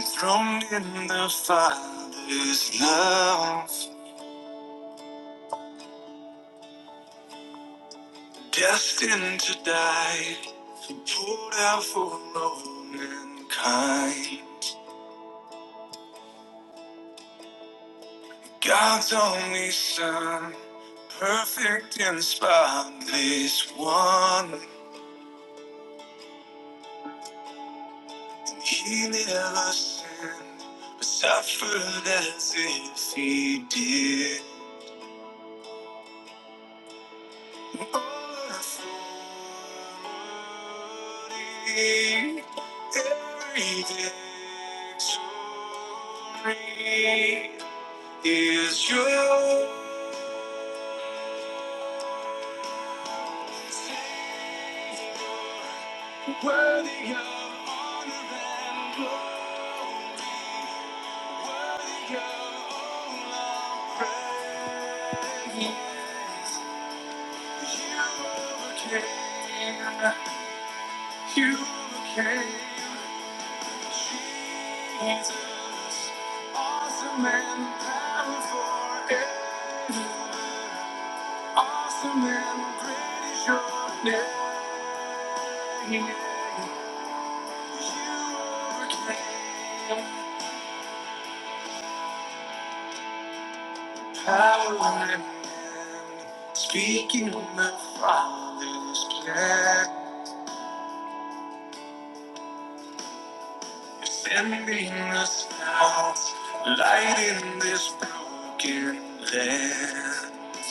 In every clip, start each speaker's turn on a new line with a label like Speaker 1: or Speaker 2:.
Speaker 1: Thrown in the Father's love, destined to die, poured out for all mankind. God's only Son, perfect and spotless one, and He never sinned, but suffered as if He did. every victory Is yours. Worthy of honor and glory, worthy of all our praise. You became you became Jesus, awesome and powerful. forever. Awesome and great is your name. You overcame power and end, speaking of my Father's plan. Sending us out, light in this broken land.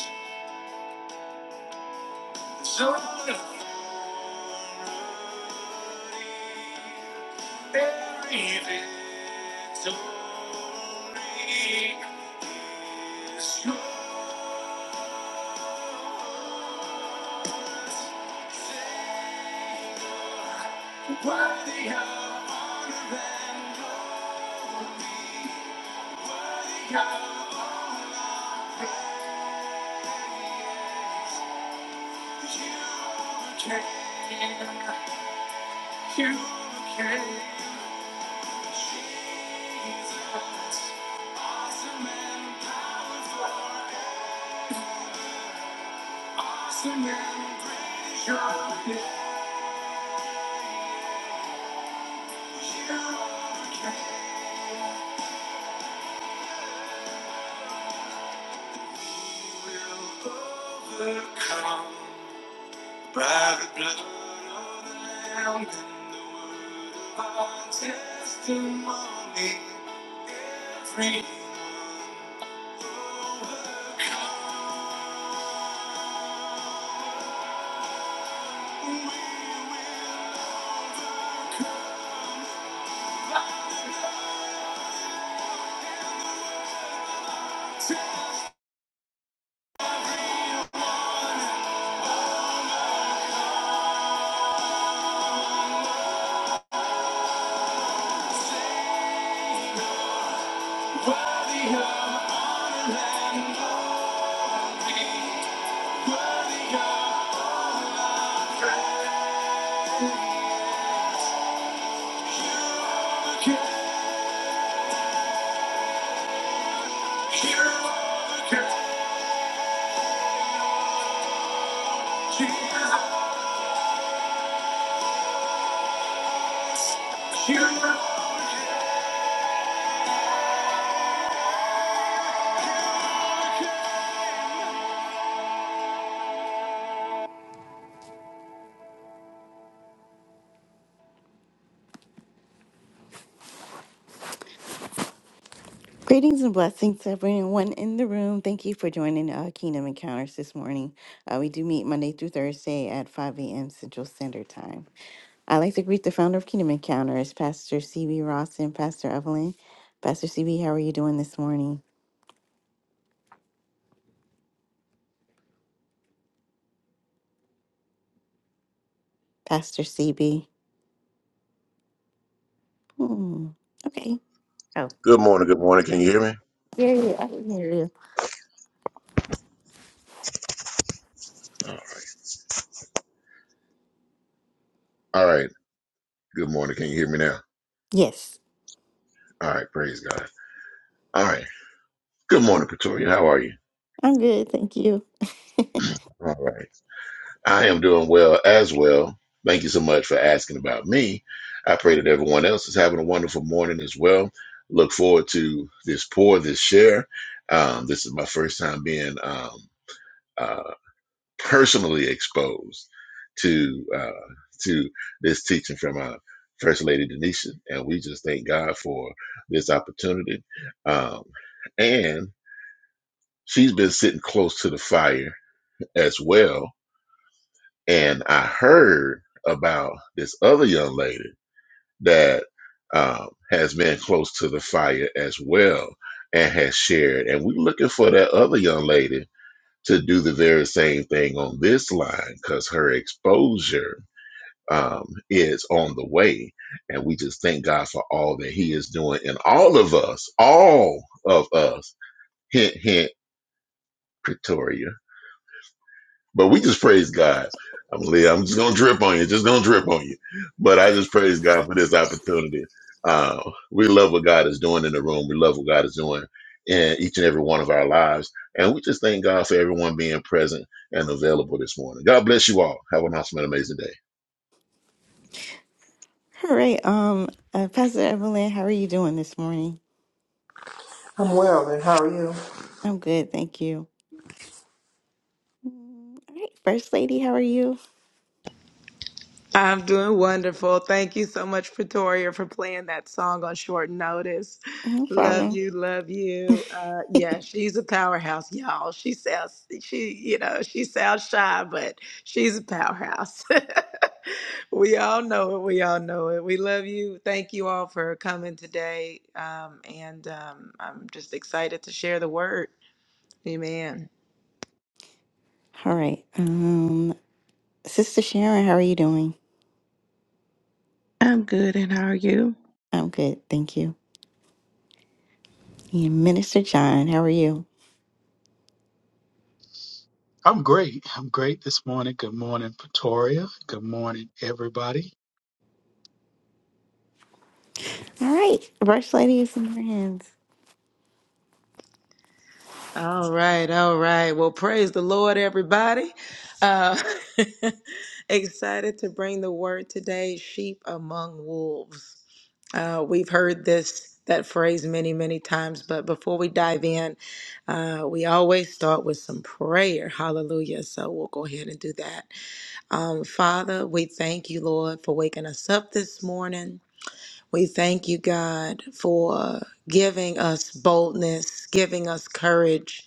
Speaker 1: So every victory is yours. Worthy of honor and glory. worthy of honor Overcome by the blood of the Lamb and the word of our testimony. Every Greetings and blessings to everyone in the room. Thank you for joining uh, Kingdom Encounters this morning. Uh, we do meet Monday through Thursday at 5 a.m. Central Standard Time. I'd like to greet the founder of Kingdom Encounters, Pastor CB Ross and Pastor Evelyn. Pastor CB, how are you doing this morning? Pastor CB. Hmm. Okay. Oh,
Speaker 2: Good morning. Good morning. Can you hear me?
Speaker 1: yeah, yeah, I can hear you.
Speaker 2: All right. All right. Good morning. Can you hear me now?
Speaker 1: Yes,
Speaker 2: All right. Praise God. All right. Good morning, Pretoria. How are you?
Speaker 1: I'm good. Thank you.
Speaker 2: All right. I am doing well as well. Thank you so much for asking about me. I pray that everyone else is having a wonderful morning as well. Look forward to this pour, this share. Um, this is my first time being um, uh, personally exposed to uh, to this teaching from uh, First Lady Denisha, and we just thank God for this opportunity. Um, and she's been sitting close to the fire as well. And I heard about this other young lady that um, has been close to the fire as well and has shared. And we're looking for that other young lady to do the very same thing on this line because her exposure um, is on the way. And we just thank God for all that He is doing in all of us, all of us. Hint, hint, Pretoria. But we just praise God. I'm, li- I'm just going to drip on you, just going to drip on you. But I just praise God for this opportunity. Uh, we love what God is doing in the room, we love what God is doing in each and every one of our lives. And we just thank God for everyone being present and available this morning. God bless you all. Have an awesome and amazing day.
Speaker 1: All right. Um, uh, Pastor Evelyn, how are you doing this morning?
Speaker 3: I'm well, and how are you?
Speaker 1: I'm good. Thank you. Mm, All right. First Lady, how are you?
Speaker 4: I'm doing wonderful. Thank you so much, Pretoria, for playing that song on short notice.
Speaker 1: No
Speaker 4: Love
Speaker 1: problem.
Speaker 4: you, love you. Uh, yeah, she's a powerhouse, y'all. She sounds, she, you know, she sounds shy, but she's a powerhouse. we all know it. We all know it. We love you. Thank you all for coming today. Um, and um, I'm just excited to share the word. Amen.
Speaker 1: All right. Um, Sister Sharon, how are you doing?
Speaker 5: I'm good, and how are you?
Speaker 1: I'm good. Thank you. And Minister John, how are you?
Speaker 6: I'm great. I'm great this morning. Good morning, Pretoria. Good morning, everybody.
Speaker 1: All right, First Lady is in your hands.
Speaker 4: All right, all right. Well, praise the Lord, everybody. Uh, excited to bring the word today sheep among wolves. Uh, we've heard this, that phrase many, many times, but before we dive in, uh, we always start with some prayer. Hallelujah. So we'll go ahead and do that. Um, Father, we thank you, Lord, for waking us up this morning. We thank you, God, for giving us boldness, giving us courage,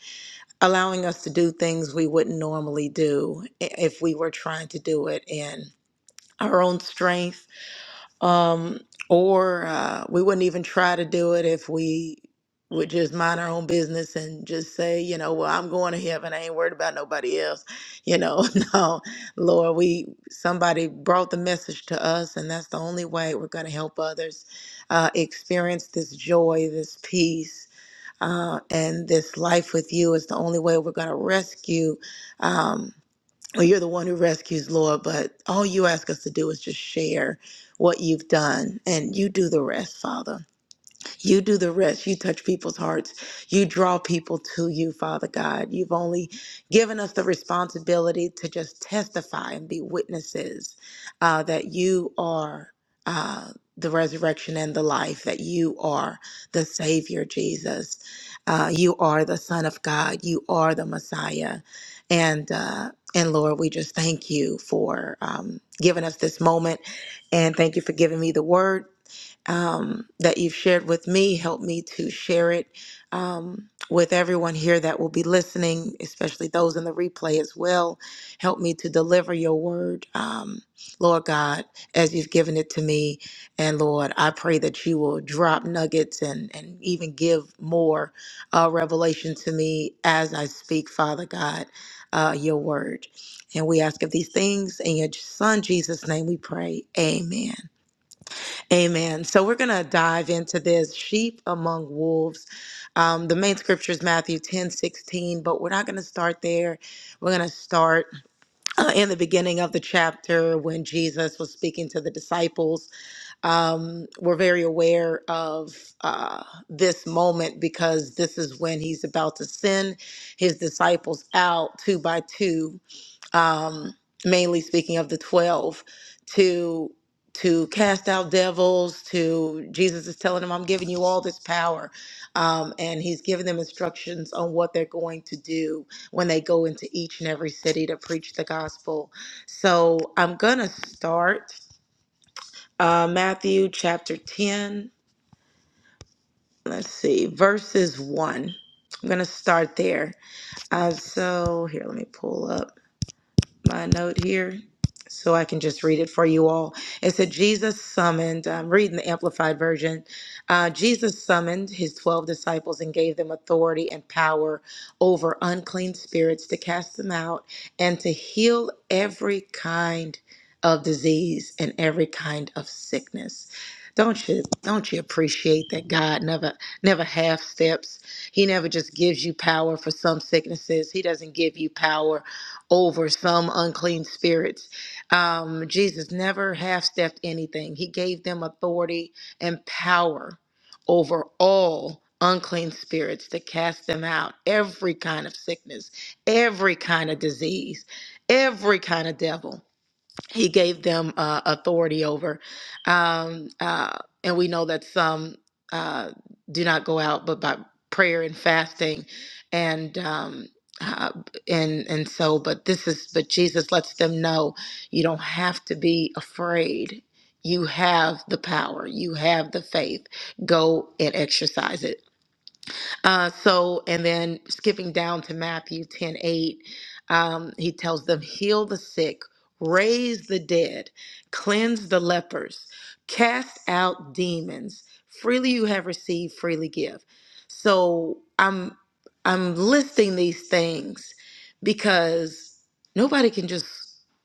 Speaker 4: allowing us to do things we wouldn't normally do i- if we were trying to do it in our own strength um, or uh, we wouldn't even try to do it if we would just mind our own business and just say, you know, well, I'm going to heaven. I ain't worried about nobody else. You know, no, Lord, we somebody brought the message to us, and that's the only way we're going to help others uh, experience this joy, this peace, uh, and this life with you. Is the only way we're going to rescue. Um, well, you're the one who rescues, Lord, but all you ask us to do is just share what you've done, and you do the rest, Father. You do the rest. You touch people's hearts. You draw people to you, Father God. You've only given us the responsibility to just testify and be witnesses uh, that you are uh, the resurrection and the life, that you are the Savior, Jesus. Uh, you are the Son of God. You are the Messiah. And, uh, and Lord, we just thank you for um, giving us this moment. And thank you for giving me the word um, that you've shared with me. Help me to share it um, with everyone here that will be listening, especially those in the replay as well. Help me to deliver your word, um, Lord God, as you've given it to me. And Lord, I pray that you will drop nuggets and, and even give more uh, revelation to me as I speak, Father God, uh, your word. And we ask of these things in your son Jesus' name we pray. Amen. Amen. So we're going to dive into this sheep among wolves. Um, the main scripture is Matthew 10 16, but we're not going to start there. We're going to start uh, in the beginning of the chapter when Jesus was speaking to the disciples. Um, we're very aware of uh, this moment because this is when he's about to send his disciples out two by two um, mainly speaking of the 12 to to cast out devils to jesus is telling them i'm giving you all this power um, and he's giving them instructions on what they're going to do when they go into each and every city to preach the gospel so i'm gonna start uh, matthew chapter 10 let's see verses 1 i'm gonna start there uh, so here let me pull up my note here so I can just read it for you all. It said, Jesus summoned, I'm reading the Amplified Version. Uh, Jesus summoned his 12 disciples and gave them authority and power over unclean spirits to cast them out and to heal every kind of disease and every kind of sickness. Don't you don't you appreciate that God never never half steps. He never just gives you power for some sicknesses. He doesn't give you power over some unclean spirits. Um, Jesus never half stepped anything, He gave them authority and power over all unclean spirits to cast them out. Every kind of sickness, every kind of disease, every kind of devil he gave them uh, authority over. Um, uh, and we know that some uh, do not go out, but by prayer and fasting, and um, uh, and and so. But this is, but Jesus lets them know you don't have to be afraid. You have the power. You have the faith. Go and exercise it. Uh, so, and then skipping down to Matthew 10 8, um, he tells them, Heal the sick, raise the dead, cleanse the lepers, cast out demons. Freely you have received, freely give. So I'm I'm listing these things because nobody can just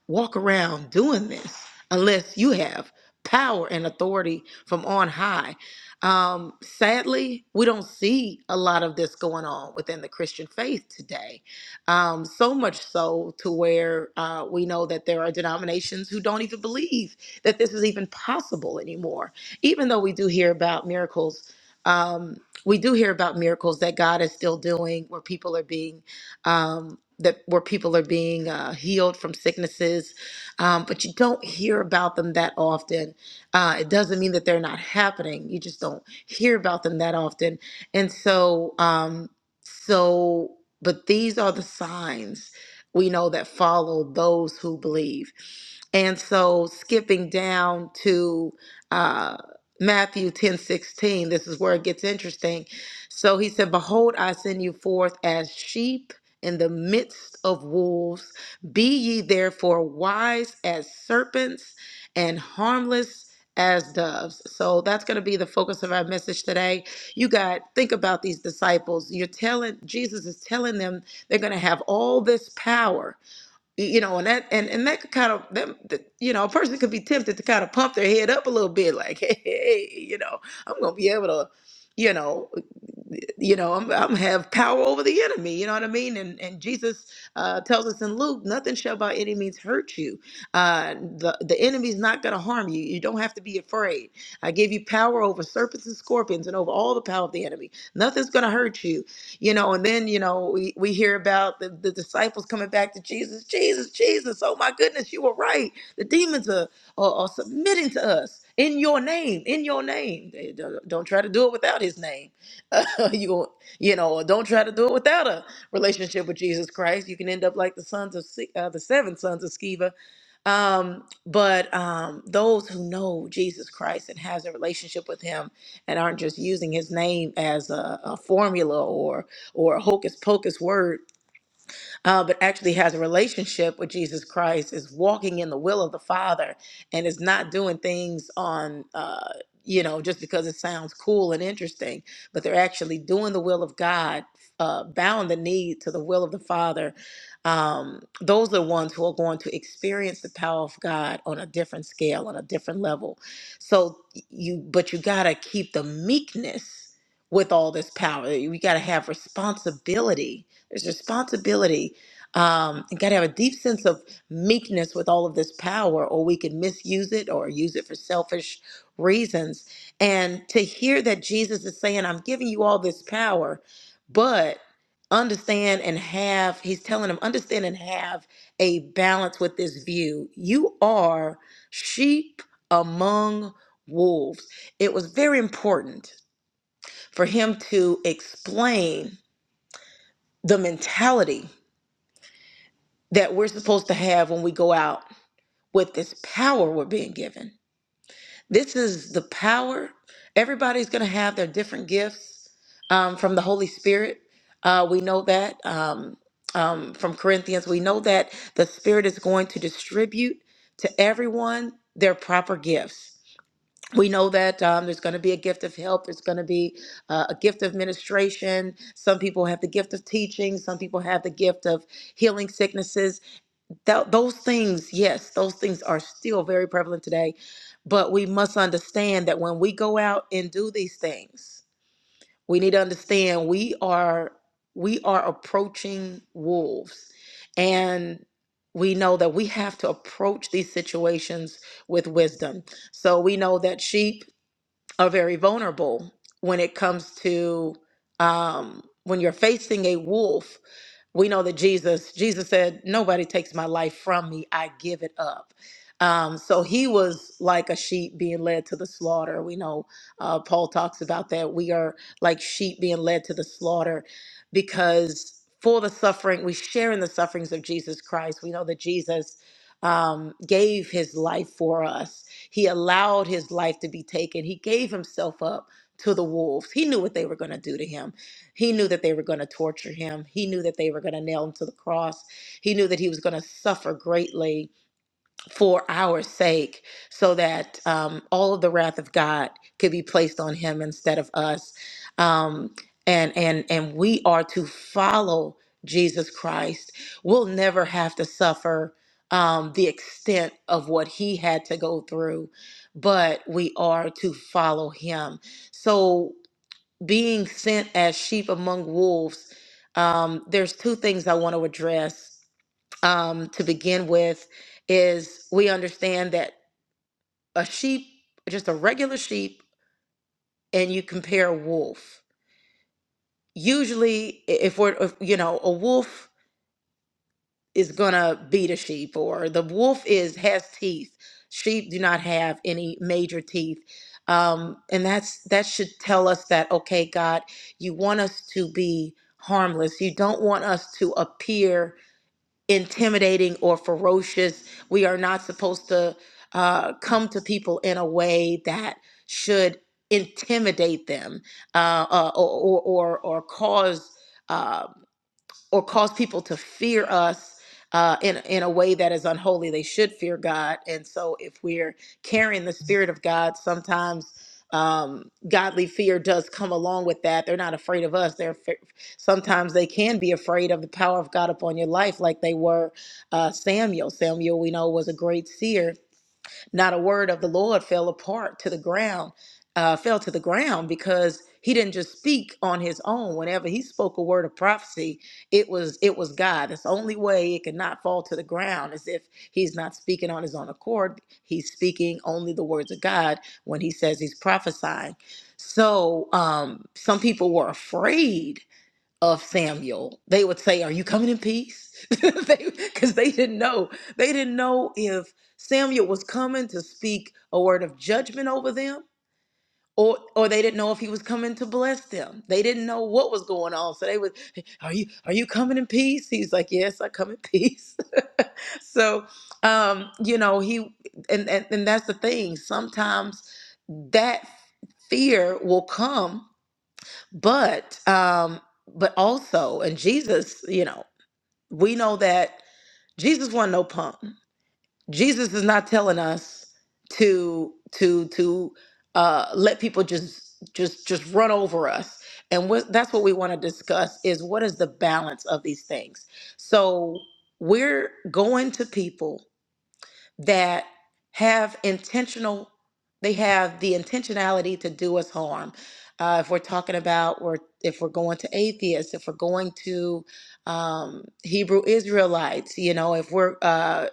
Speaker 4: walk around doing this unless you have power and authority from on high um, sadly, we don't see a lot of this going on within the Christian faith today. Um, so much so to where uh, we know that there are denominations who don't even believe that this is even possible anymore. Even though we do hear about miracles, um, we do hear about miracles that God is still doing where people are being. Um, that where people are being uh, healed from sicknesses, um, but you don't hear about them that often uh, it doesn't mean that they're not happening. You just don't hear about them that often. And so, um, so, but these are the signs we know that follow those who believe. And so, skipping down to uh, Matthew ten sixteen, this is where it gets interesting. So he said, Behold, I send you forth as sheep in the midst of wolves. Be ye therefore wise as serpents and harmless as doves. So that's going to be the focus of our message today. You got think about these disciples. You're telling Jesus is telling them they're going to have all this power Y- you know, and that and and that could kind of them, the, you know, a person could be tempted to kind of pump their head up a little bit, like, hey, you know, I'm gonna be able to, you know, you know, I'm, I'm have power over the enemy. You know what I mean? And and Jesus uh, tells us in Luke, nothing shall by any means hurt you. Uh, the the enemy's not gonna harm you. You don't have to be afraid. I give you power over serpents and scorpions and over all the power of the enemy. Nothing's gonna hurt you you know and then you know we, we hear about the, the disciples coming back to jesus jesus jesus oh my goodness you were right the demons are, are, are submitting to us in your name in your name They don't, don't try to do it without his name you you know don't try to do it without a relationship with jesus christ you can end up like the sons of Se- uh, the seven sons of sceva um but um those who know jesus christ and has a relationship with him and aren't just using his name as a, a formula or or a hocus pocus word uh, but actually has a relationship with Jesus Christ, is walking in the will of the Father, and is not doing things on, uh, you know, just because it sounds cool and interesting, but they're actually doing the will of God, uh, bowing the knee to the will of the Father. Um, those are the ones who are going to experience the power of God on a different scale, on a different level. So you, but you got to keep the meekness with all this power. You got to have responsibility. There's responsibility um, and gotta have a deep sense of meekness with all of this power, or we could misuse it or use it for selfish reasons. And to hear that Jesus is saying, I'm giving you all this power, but understand and have, he's telling him, understand and have a balance with this view. You are sheep among wolves. It was very important for him to explain the mentality that we're supposed to have when we go out with this power we're being given. This is the power. Everybody's going to have their different gifts um, from the Holy Spirit. Uh, we know that um, um, from Corinthians. We know that the Spirit is going to distribute to everyone their proper gifts. We know that um, there's going to be a gift of help. There's going to be uh, a gift of administration. Some people have the gift of teaching. Some people have the gift of healing sicknesses that those things yes those things are still very prevalent today but we must understand that when we go out and do these things we need to understand we are we are approaching wolves and we know that we have to approach these situations with wisdom so we know that sheep are very vulnerable when it comes to um, when you're facing a wolf we know that Jesus, Jesus said, Nobody takes my life from me, I give it up. Um, so he was like a sheep being led to the slaughter. We know uh, Paul talks about that. We are like sheep being led to the slaughter because for the suffering, we share in the sufferings of Jesus Christ. We know that Jesus um, gave his life for us, he allowed his life to be taken, he gave himself up to the wolves. He knew what they were going to do to him he knew that they were going to torture him. He knew that they were going to nail him to the cross. He knew that he was going to suffer greatly for our sake so that um, all of the wrath of God could be placed on him instead of us. Um, and, and, and we are to follow Jesus Christ. We'll never have to suffer um, the extent of what he had to go through, but we are to follow him. So being sent as sheep among wolves, um, there's two things I want to address. Um, to begin with, is we understand that a sheep, just a regular sheep, and you compare a wolf. Usually, i- if we're, if, you know, a wolf is gonna beat a sheep or the wolf is has teeth sheep do not have any major teeth um, and that's that should tell us that okay god you want us to be harmless you don't want us to appear intimidating or ferocious we are not supposed to uh, come to people in a way that should intimidate them uh, uh, or, or or or cause uh, or cause people to fear us uh, in in a way that is unholy. They should fear God, and so if we're carrying the spirit of God, sometimes um, godly fear does come along with that. They're not afraid of us. They're fe- sometimes they can be afraid of the power of God upon your life, like they were uh, Samuel. Samuel, we know, was a great seer, not a word of the Lord fell apart to the ground, uh, fell to the ground because he didn't just speak on his own. Whenever he spoke a word of prophecy, it was it was God. That's the only way it could not fall to the ground is if he's not speaking on his own accord. He's speaking only the words of God when he says he's prophesying. So um, some people were afraid of Samuel. They would say, "Are you coming in peace?" Because they, 'cause they didn't know. They didn't know if Samuel was coming to speak a word of judgment over them, or or they didn't know if he was coming to bless them. They didn't know what was going on. So they would, "Are you are you coming in peace?" He's like, "Yes, I come in peace." so, um, you know, he and, and and that's the thing. Sometimes that fear will come but um but also and jesus you know we know that jesus wasn't no punk jesus is not telling us to to to uh let people just just just run over us and what that's what we want to discuss is what is the balance of these things so we're going to people that have intentional they have the intentionality to do us harm uh, if we're talking about we're if we're going to atheists if we're going to um, hebrew israelites you know if we're uh,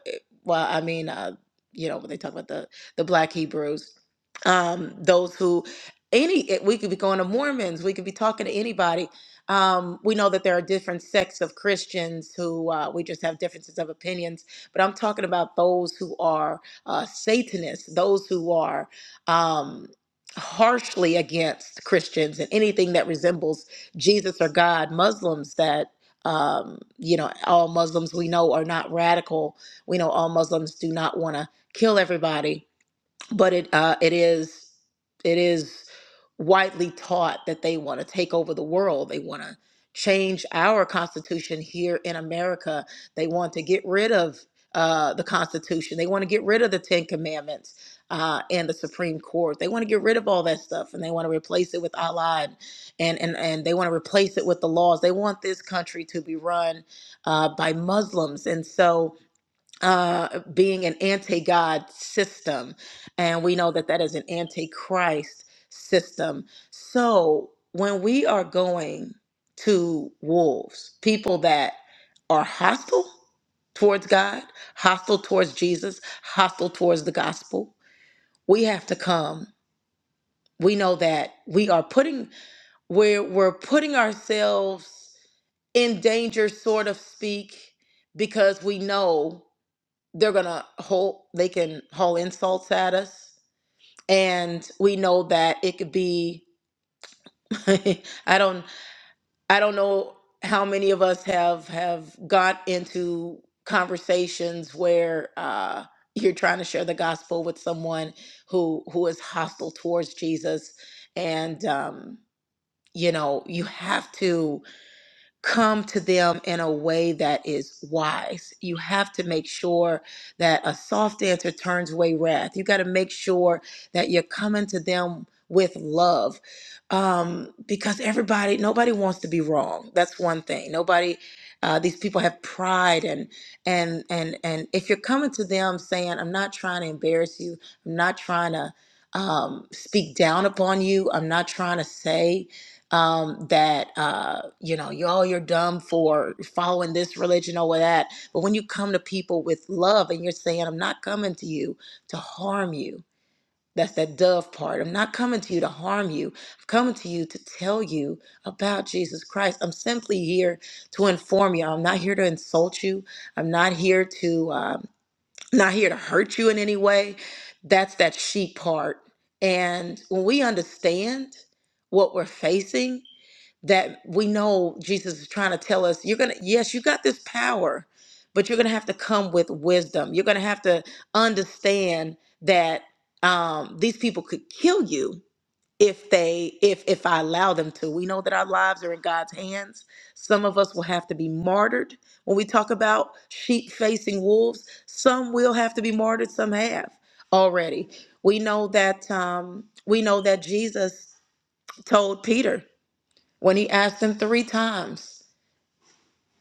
Speaker 4: well i mean uh, you know when they talk about the the black hebrews um, those who any eh, we could be going to mormons we could be talking to anybody um, we know that there are different sects of christians who uh, we just have differences of opinions but I'm talking about those who are uh, Satanists, those who are um, harshly against Christians and anything that resembles Jesus or God, Muslims that. Um, you know, all Muslims we know are not radical. We know all Muslims do not want to kill everybody but it uh, it is it is widely taught that they want to take over the world. They want to change our constitution here in America. They want to get rid of uh, the Constitution. They want to get rid of the Ten Commandments uh, and the Supreme Court. They want to get rid of all that stuff, and they want to replace it with Allah, and and and, and they want to replace it with the laws. They want this country to be run uh, by Muslims, and so uh, being an anti God system. And we know that that is an anti Christ system. So when we are going to wolves, people that are hostile towards God, hostile towards Jesus, hostile towards the gospel, we have to come. We know that we are putting we're we're putting ourselves in danger, sort of speak, because we know they're gonna hold they can haul insults at us and we know that it could be i don't i don't know how many of us have have got into conversations where uh you're trying to share the gospel with someone who who is hostile towards jesus and um you know you have to come to them in a way that is wise. You have to make sure that a soft answer turns away wrath. You got to make sure that you're coming to them with love um, because everybody, nobody wants to be wrong. That's one thing. Nobody, uh, these people have pride and and and and if you're coming to them saying, "I'm not trying to embarrass you. I'm not trying to." Um, speak down upon you. I'm not trying to say um, that uh, you know you all you're dumb for following this religion or that. But when you come to people with love and you're saying, "I'm not coming to you to harm you," that's that dove part. I'm not coming to you to harm you. I'm coming to you to tell you about Jesus Christ. I'm simply here to inform you. I'm not here to insult you. I'm not here to um, not here to hurt you in any way. That's that sheep part. And when we understand what we're facing that we know Jesus is trying to tell us you're going to yes you got this power but you're going to have to come with wisdom you're going to have to understand that um these people could kill you if they if if I allow them to we know that our lives are in God's hands some of us will have to be martyred when we talk about sheep facing wolves some will have to be martyred some have already we know that um we know that Jesus told Peter when he asked him three times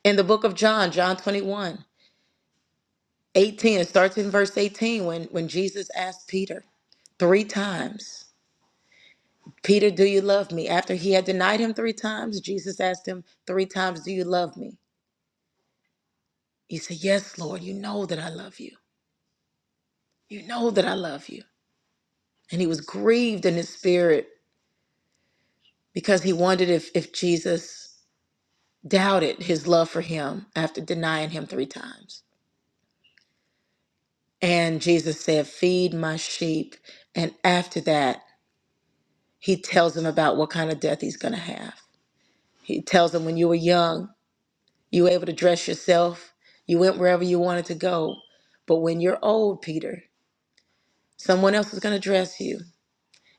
Speaker 4: in the book of John, John 21, 18, It starts in verse 18 when, when Jesus asked Peter three times, Peter, do you love me? After he had denied him three times, Jesus asked him three times, Do you love me? He said, Yes, Lord, you know that I love you. You know that I love you. And he was grieved in his spirit because he wondered if, if Jesus doubted his love for him after denying him three times. And Jesus said, Feed my sheep. And after that, he tells them about what kind of death he's going to have. He tells them, When you were young, you were able to dress yourself, you went wherever you wanted to go. But when you're old, Peter, someone else is going to dress you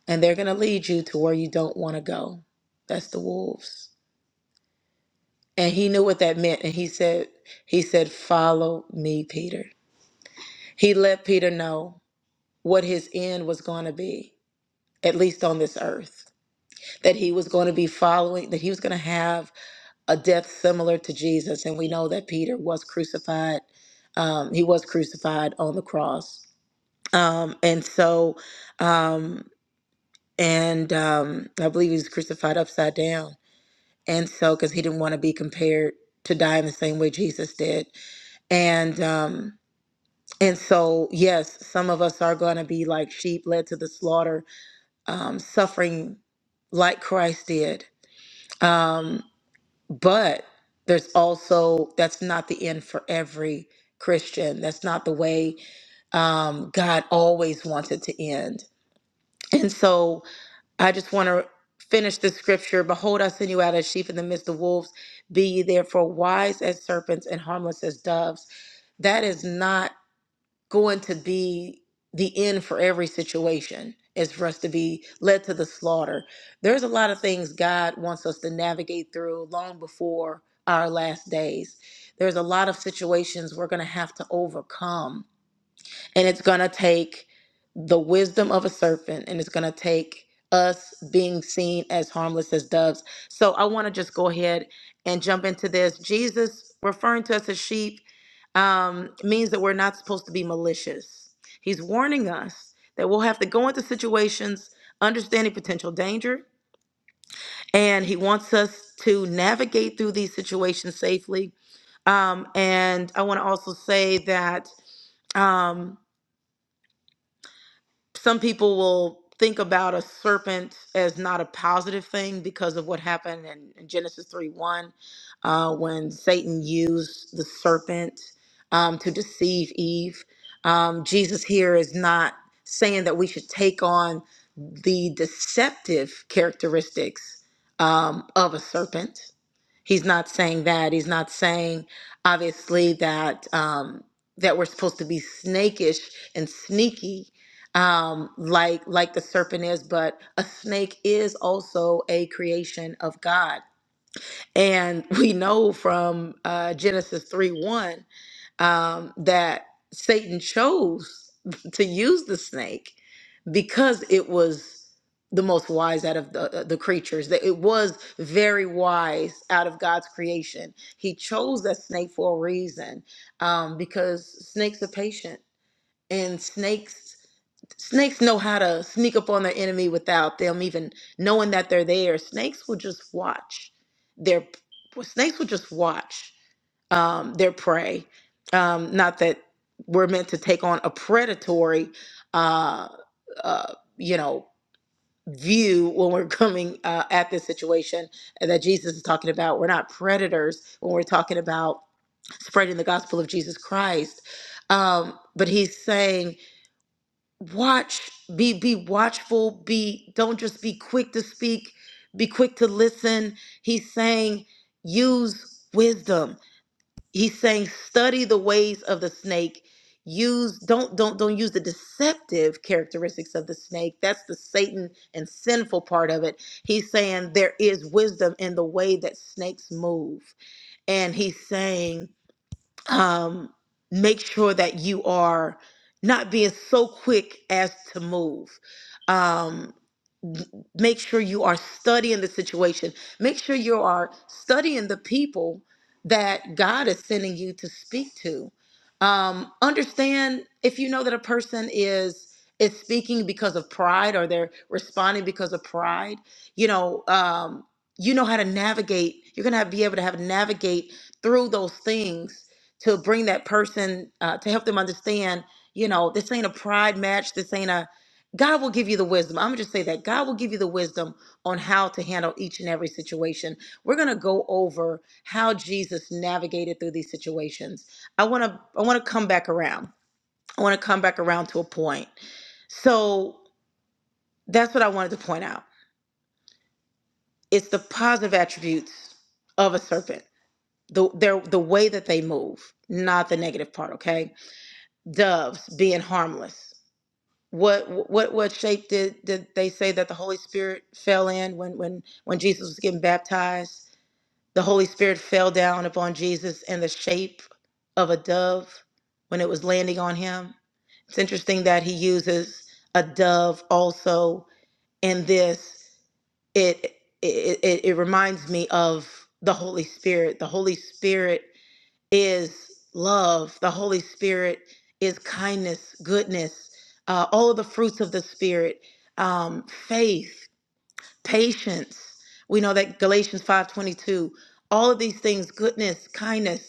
Speaker 4: and they're going to lead you to where you don't want to go. That's the wolves. And he knew what that meant. And he said, he said, follow me, Peter. He let Peter know what his end was going to be, at least on this earth. that he was going to be following, that he was going to have a death similar to Jesus. And we know that Peter was crucified. Um, he was crucified on the cross. Um, and so, um, and um, I believe he was crucified upside down. And so, because he didn't want to be compared to die in the same way Jesus did. And, um, and so, yes, some of us are going to be like sheep led to the slaughter, um, suffering like Christ did. Um, But there's also, that's not the end for every Christian. That's not the way um, God always wants it to end. And so I just want to finish the scripture Behold, I send you out as sheep in the midst of wolves. Be ye therefore wise as serpents and harmless as doves. That is not going to be the end for every situation is for us to be led to the slaughter. There's a lot of things God wants us to navigate through long before our last days. There's a lot of situations we're going to have to overcome and it's going to take the wisdom of a serpent, and it's going to take us being seen as harmless as doves. So I want to just go ahead and jump into this. Jesus referring to us as sheep um, means that we're not supposed to be malicious. He's warning us that we'll have to go into situations understanding potential danger, and He wants us to navigate through these situations safely. Um, and I want to also say that. Um, some people will think about a serpent as not a positive thing because of what happened in, in Genesis 3 1 uh, when Satan used the serpent um, to deceive Eve. Um, Jesus here is not saying that we should take on the deceptive characteristics um, of a serpent. He's not saying that. He's not saying, obviously, that um, that we're supposed to be snakish and sneaky, um, like like the serpent is. But a snake is also a creation of God, and we know from uh, Genesis three one um, that Satan chose to use the snake because it was the most wise out of the, uh, the creatures that it was very wise out of god's creation he chose that snake for a reason um, because snakes are patient and snakes snakes know how to sneak up on their enemy without them even knowing that they're there snakes will just watch their snakes will just watch um, their prey. Um, not that we're meant to take on a predatory, uh, uh, you know, view when we're coming uh, at this situation that Jesus is talking about. We're not predators when we're talking about spreading the gospel of Jesus Christ. Um, but he's saying, watch, be be watchful, be don't just be quick to speak, be quick to listen. He's saying, use wisdom he's saying study the ways of the snake use don't don't don't use the deceptive characteristics of the snake that's the satan and sinful part of it he's saying there is wisdom in the way that snakes move and he's saying um make sure that you are not being so quick as to move Um, make sure you are studying the situation. Make sure you are studying the people that God is sending you to speak to. Um, understand if you know that a person is is speaking because of pride or they're responding because of pride. You know, um, you know how to navigate. You're gonna have, be able to have navigate through those things to bring that person uh, to help them understand. You know, this ain't a pride match. This ain't a God will give you the wisdom. I'm going to just say that God will give you the wisdom on how to handle each and every situation. We're going to go over how Jesus navigated through these situations. I want to I want to come back around. I want to come back around to a point. So, that's what I wanted to point out. It's the positive attributes of a serpent. The their the way that they move, not the negative part, okay? Doves being harmless. What what what shape did did they say that the Holy Spirit fell in when when when Jesus was getting baptized? The Holy Spirit fell down upon Jesus in the shape of a dove when it was landing on him. It's interesting that he uses a dove also in this. It it it, it reminds me of the Holy Spirit. The Holy Spirit is love, the Holy Spirit is kindness, goodness, uh, all of the fruits of the Spirit, um, faith, patience. We know that Galatians 5:22, all of these things, goodness, kindness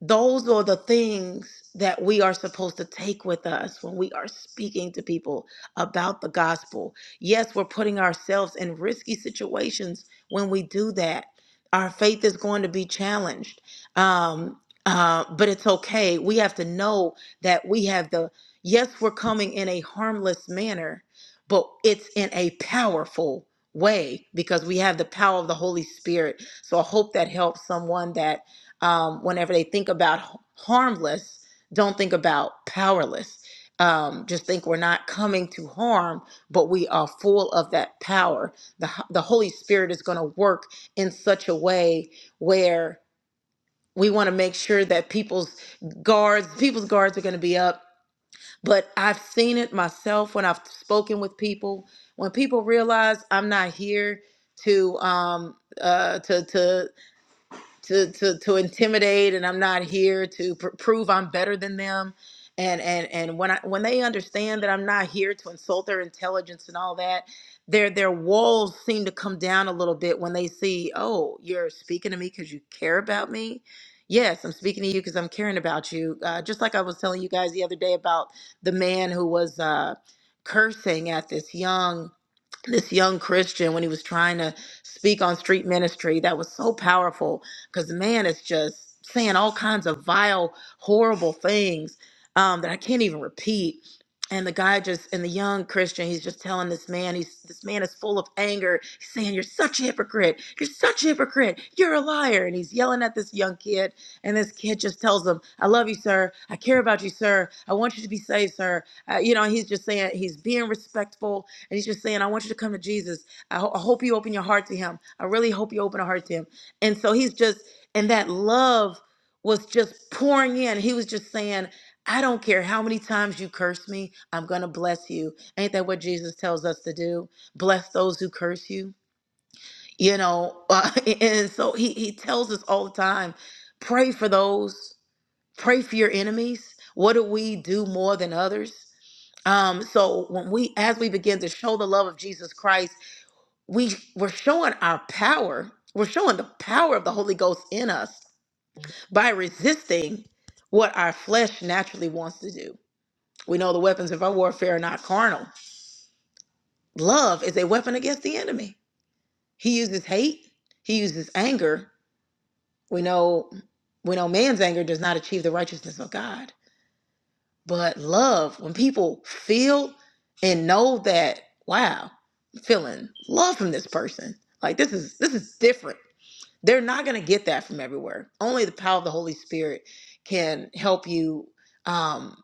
Speaker 4: those are the things that we are supposed to take with us when we are speaking to people about the gospel. Yes, we're putting ourselves in risky situations when we do that. Our faith is going to be challenged. Um, uh, but it's okay. We have to know that we have the, yes, we're coming in a harmless manner, but it's in a powerful way because we have the power of the Holy Spirit. So I hope that helps someone that um, whenever they think about h- harmless, don't think about powerless. Um, just think we're not coming to harm, but we are full of that power. The, H- the Holy Spirit is going to work in such a way where we want to make sure that people's guards, people's guards are going to be up. But I've seen it myself when I've spoken with people. When people realize I'm not here to um, uh, to to to to to intimidate and I'm not here to pr- prove I'm better than them and and and when I when they understand that I'm not here to insult their intelligence and all that their their walls seem to come down a little bit when they see oh you're speaking to me cuz you care about me yes I'm speaking to you cuz I'm caring about you uh, just like I was telling you guys the other day about the man who was uh cursing at this young this young Christian when he was trying to speak on street ministry. That was so powerful because the man is just saying all kinds of vile, horrible things um, that I can't even repeat. And the guy just, and the young Christian, he's just telling this man, he's this man is full of anger. He's saying, "You're such a hypocrite! You're such a hypocrite! You're a liar!" And he's yelling at this young kid. And this kid just tells him, "I love you, sir. I care about you, sir. I want you to be saved, sir." Uh, you know, he's just saying he's being respectful and he's just saying, I want you to come to Jesus. I, ho- I hope you open your heart to him. I really hope you open your heart to him. And so he's just, and that love was just pouring in. He was just saying, I don't care how many times you curse me, I'm going to bless you. Ain't that what Jesus tells us to do? Bless those who curse you. You know, uh, and so he, he tells us all the time pray for those, pray for your enemies. What do we do more than others? Um, so when we, as we begin to show the love of Jesus Christ, we we're showing our power. We're showing the power of the Holy Ghost in us by resisting what our flesh naturally wants to do. We know the weapons of our warfare are not carnal. Love is a weapon against the enemy. He uses hate. He uses anger. We know we know man's anger does not achieve the righteousness of God. But love, when people feel and know that, wow, I'm feeling love from this person. Like this is this is different. They're not gonna get that from everywhere. Only the power of the Holy Spirit can help you. um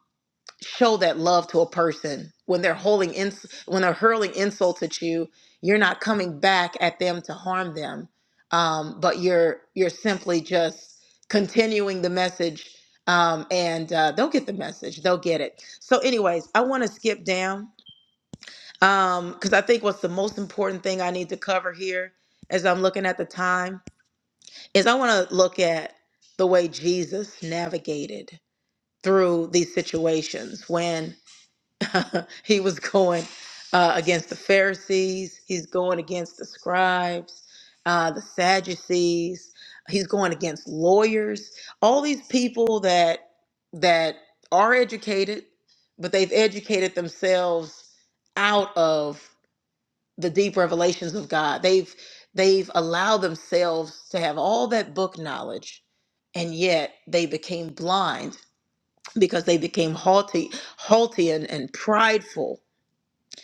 Speaker 4: show that love to a person when they're holding ins- when they're hurling insults at you you're not coming back at them to harm them um, but you're you're simply just continuing the message um, and uh, they'll get the message they'll get it so anyways i want to skip down because i think what's the most important thing i need to cover here as i'm looking at the time is i want to look at the way jesus navigated through these situations when he was going uh, against the Pharisees. He's going against the scribes, uh, the Sadducees. He's going against lawyers. All these people that that are educated, but they've educated themselves out of the deep revelations of God. They've they've allowed themselves to have all that book knowledge, and yet they became blind because they became haughty, haughty, and, and prideful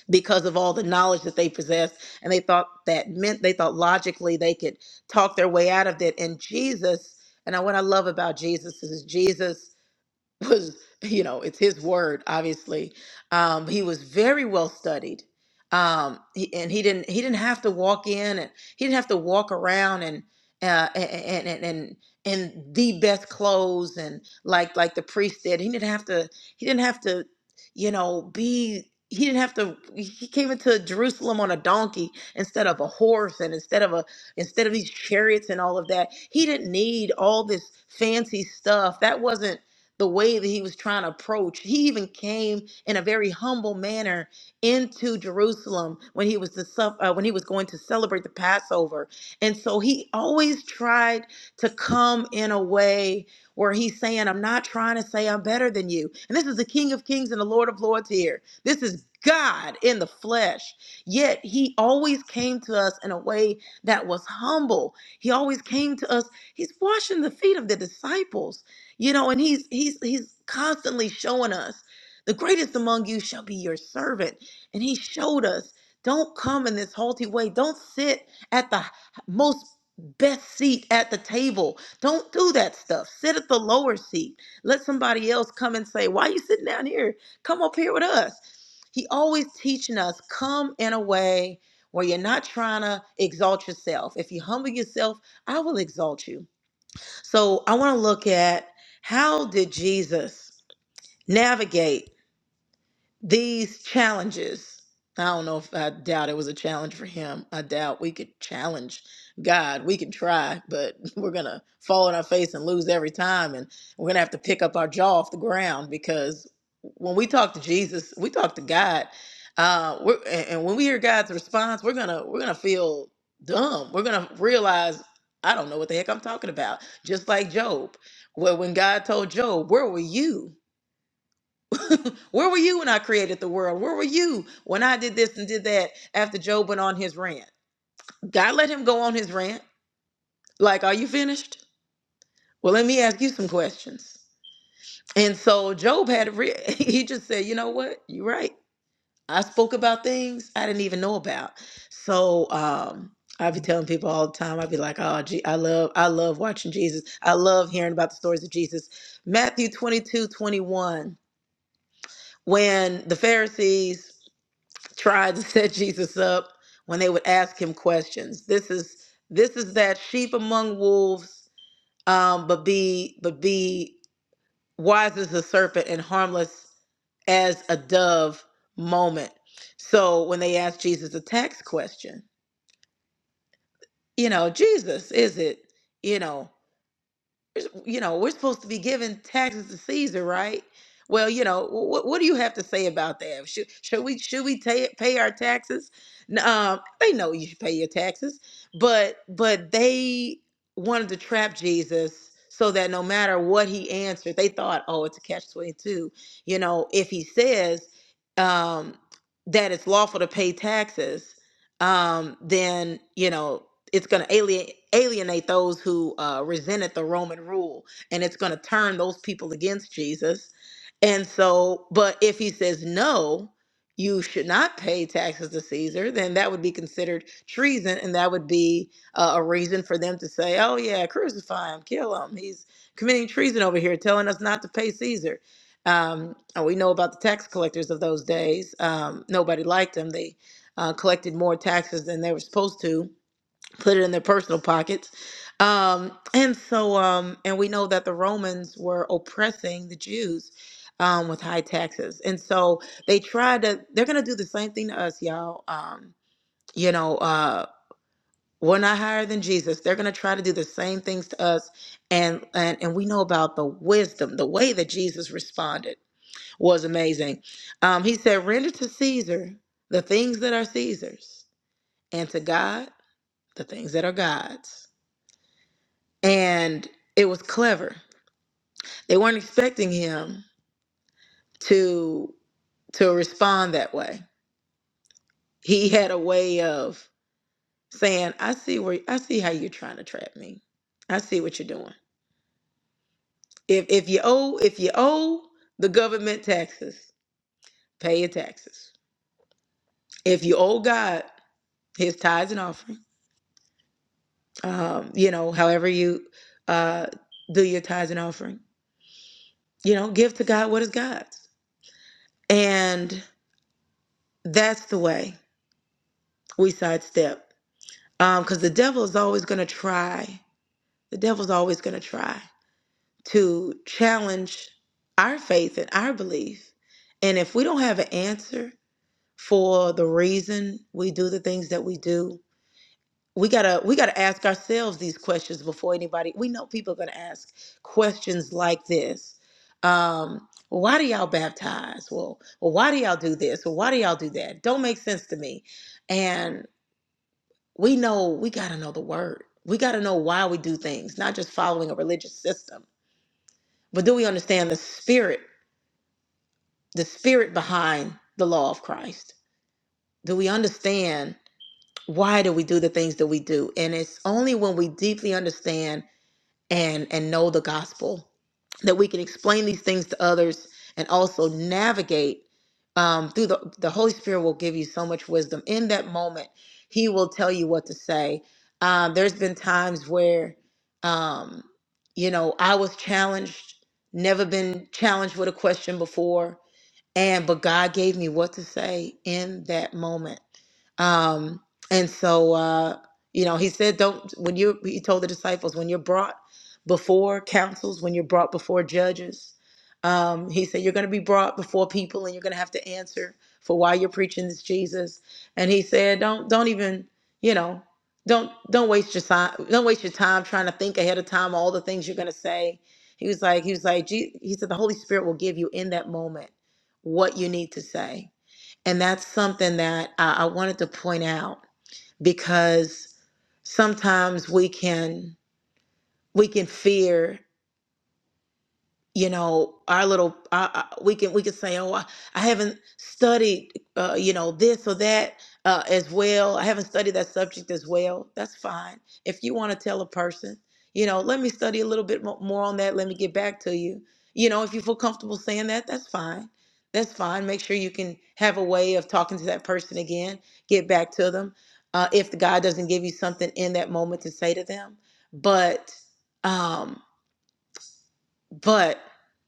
Speaker 4: because of all the knowledge that they possessed. And they thought that meant they thought logically they could talk their way out of it. And Jesus, and I- what I love about Jesus is Jesus was you know it's his word obviously um he was very well studied um he, and he didn't he didn't have to walk in and he didn't have to walk around and uh and and and in the best clothes and like like the priest did he didn't have to he didn't have to you know be he didn't have to he came into jerusalem on a donkey instead of a horse and instead of a instead of these chariots and all of that he didn't need all this fancy stuff that wasn't the way that he was trying to approach. He even came in a very humble manner into Jerusalem when he was the suff- uh, when he was going to celebrate the Passover. And so he always tried to come in a way where he's saying, "I'm not trying to say I'm better than you." And this is the King of Kings and the Lord of Lords here. This is God in the flesh. Yet he always came to us in a way that was humble. He always came to us. He's washing the feet of the disciples you know, and he's he's he's constantly showing us the greatest among you shall be your servant. And he showed us, don't come in this halty way. Don't sit at the h- most best seat at the table. Don't do that stuff. Sit at the lower seat. Let somebody else come and say, "Why are you sitting down here? Come up here with us." He always teaching us, come in a way where you're not trying to exalt yourself. If you humble yourself, I will exalt you so I want to look at how did Jesus navigate these challenges i don't know if i doubt it was a challenge for him i doubt we could challenge god we can try but we're gonna fall on our face and lose every time and we're gonna have to pick up our jaw off the ground because when we talk to jesus we talk to god uh we're, and and when we hear god's response we're gonna we're gonna feel dumb we're gonna realize i don't know what the heck i'm talking about just like job well when god told job where were you Where were you when I created the world? Where were you when I did this and did that after Job went on his rant? God let him go on his rant. Like, are you finished? Well, let me ask you some questions. And so Job had, a re- he just said, you know what? You're right. I spoke about things I didn't even know about. So, um, I be telling people all the time. i be like, "Oh, gee, I love, I love watching Jesus. I love hearing about the stories of Jesus." Matthew 22 21, when the Pharisees tried to set Jesus up when they would ask him questions. This is this is that sheep among wolves, um, but be but be wise as a serpent and harmless as a dove moment. So when they asked Jesus a tax question, you know, Jesus, is it, you know? you know, we're supposed to be giving taxes to Caesar, right? Well, you know, what what do you have to say about that? Should should we should we ta pay our taxes? N- Um, they know you should pay your taxes, but but they wanted to trap Jesus so that no matter what he answered, they thought, oh, it's a catch twenty two. You know, if he says um, that it's lawful to pay taxes, um, then you know it's going to alienate alienate those who uh, resented the Roman rule, and it's going to turn those people against Jesus. And so, but if he says no, you should not pay taxes to Caesar, then that would be considered treason, and that would be uh, a reason for them to say, "Oh yeah, crucify him, kill him. He's committing treason over here, telling us not to pay Caesar." Um, and we know about the tax collectors of those days. Um, nobody liked them. They uh, collected more taxes than they were supposed to put it in their personal pockets. Um, and so, um, and we know that the Romans were oppressing the Jews um, with high taxes. And so they tried to, they're going to do the same thing to us, y'all. Um, you know, uh, we're not higher than Jesus. They're going to try to do the same things to us. And, and, and we know about the wisdom, the way that Jesus responded was amazing. Um, he said, render to Caesar the things that are Caesar's and to God, the things that are God's. and it was clever. They weren't expecting him to to respond that way. He had a way of saying, "I see where I see how you're trying to trap me. I see what you're doing. If if you owe if you owe the government taxes, pay your taxes. If you owe God His tithes and offering, um, you know, however you uh, do your tithes and offering, you know, give to God what is God's, and that's the way we sidestep Um, because the devil is always going to try, the devil's always going to try to challenge our faith and our belief. And if we don't have an answer for the reason we do the things that we do, we gotta we gotta ask ourselves these questions before anybody. We know people are gonna ask questions like this. Um, well, why do y'all baptize? Well, well, why do y'all do this? Well, why do y'all do that? Don't make sense to me we know we got to know the word. We got to know why we do things, not just following a religious system. But do we understand the spirit, the spirit behind the law of Christ? Do we understand why do we do the things that we do? And it's only when we deeply understand and and know the gospel that we can explain these things to others and also navigate um, through the the Holy Spirit will give you so much wisdom in that moment. He will tell you what to say. Um, there's been times where, um, you know, I was challenged, never been challenged with a question before, and but God gave me what to say in that moment. Um, and so uh, you know, he said, Don't when you he told the disciples, when you're brought before councils, when you're brought before judges, um, he said, You're gonna be brought before people and you're gonna have to answer for why you're preaching this Jesus. And he said, Don't don't even, you know, don't don't waste your time don't waste your time trying to think ahead of time all the things you're gonna say. He was like, he was like, "Je- he said, the Holy Spirit will give you in that moment what you need to say. And that's something that I, I wanted to point out because sometimes we can we can fear you know our little I, I, we can we can say oh i, I haven't studied uh, you know this or that uh, as well i haven't studied that subject as well that's fine if you want to tell a person you know let me study a little bit mo- more on that let me get back to you you know if you feel comfortable saying that that's fine that's fine make sure you can have a way of talking to that person again get back to them uh, if the god doesn't give you something in that moment to say to them but um, but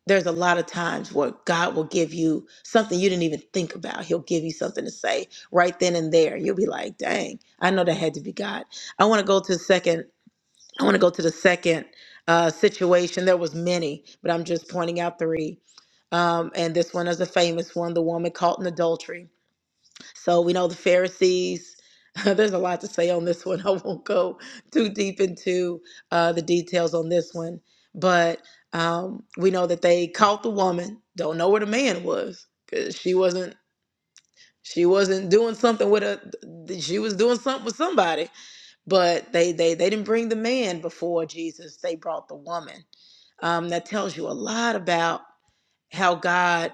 Speaker 4: there's a lot of times where God will give you something you didn't even think about. He'll give you something to say right then and there. You'll be like, dang, I know that had to be God. I want to go to the second, I want to go to the second uh, situation. There was many, but I'm just pointing out three. Um, and this one is a famous one, the woman caught in adultery. So we know the Pharisees. There's a lot to say on this one. I won't go too deep into uh, the details on this one, but um, we know that they caught the woman. Don't know where the man was because she wasn't. She wasn't doing something with a. She was doing something with somebody, but they they they didn't bring the man before Jesus. They brought the woman. Um, that tells you a lot about how God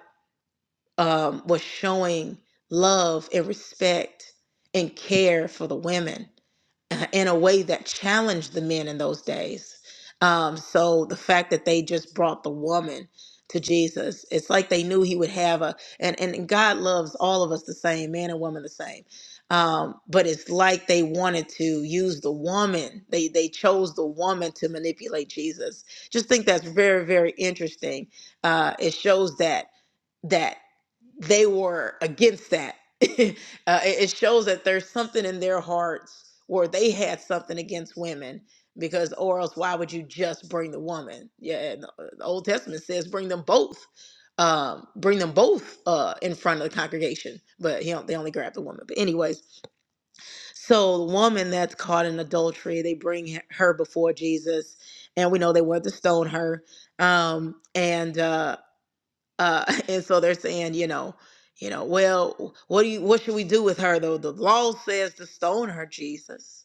Speaker 4: um, was showing love and respect and care for the women uh, in a way that challenged the men in those days. Um, so the fact that they just brought the woman to Jesus, it's like they knew he would have a, and, and God loves all of us the same, man and woman the same. Um, but it's like they wanted to use the woman. They they chose the woman to manipulate Jesus. Just think that's very very interesting. Uh, it shows that that they were against that. uh, it, it shows that there's something in their hearts where they had something against women because or else why would you just bring the woman yeah the uh, the old testament says bring them both um bring them both uh in front of the congregation but he don't, they only grabbed the woman but anyways so the woman that's caught in adultery they bring he- her before jesus and we know they wanted to stone her um and uh, uh and so they're saying you know you know well what do you what should we do with her though the law says to stone her jesus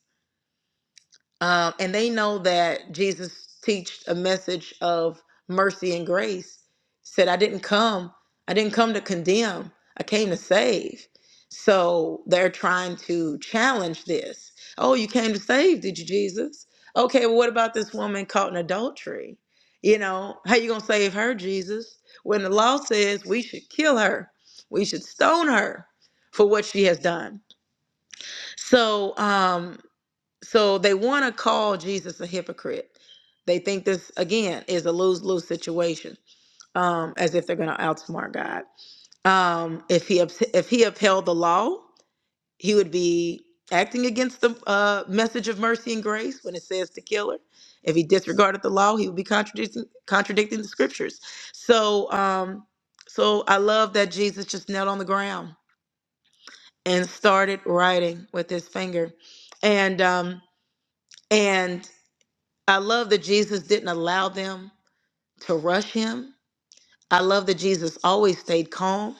Speaker 4: um, and they know that Jesus teached a message of mercy and grace. Said, "I didn't come. I didn't come to condemn. I came to save." So they're trying to challenge this. Oh, you came to save, did you, Jesus? Okay, well, what about this woman caught in adultery? You know, how you gonna save her, Jesus? When the law says we should kill her, we should stone her for what she has done. So, um, so they want to call Jesus a hypocrite. They think this again is a lose lose situation, um, as if they're going to outsmart God. Um, if he ups- if he upheld the law, he would be acting against the uh, message of mercy and grace when it says to kill her. If he disregarded the law, he would be contradicting contradicting the scriptures. So, um, so I love that Jesus just knelt on the ground and started writing with his finger, and um, and I love that Jesus didn't allow them to rush him. I love that Jesus always stayed calm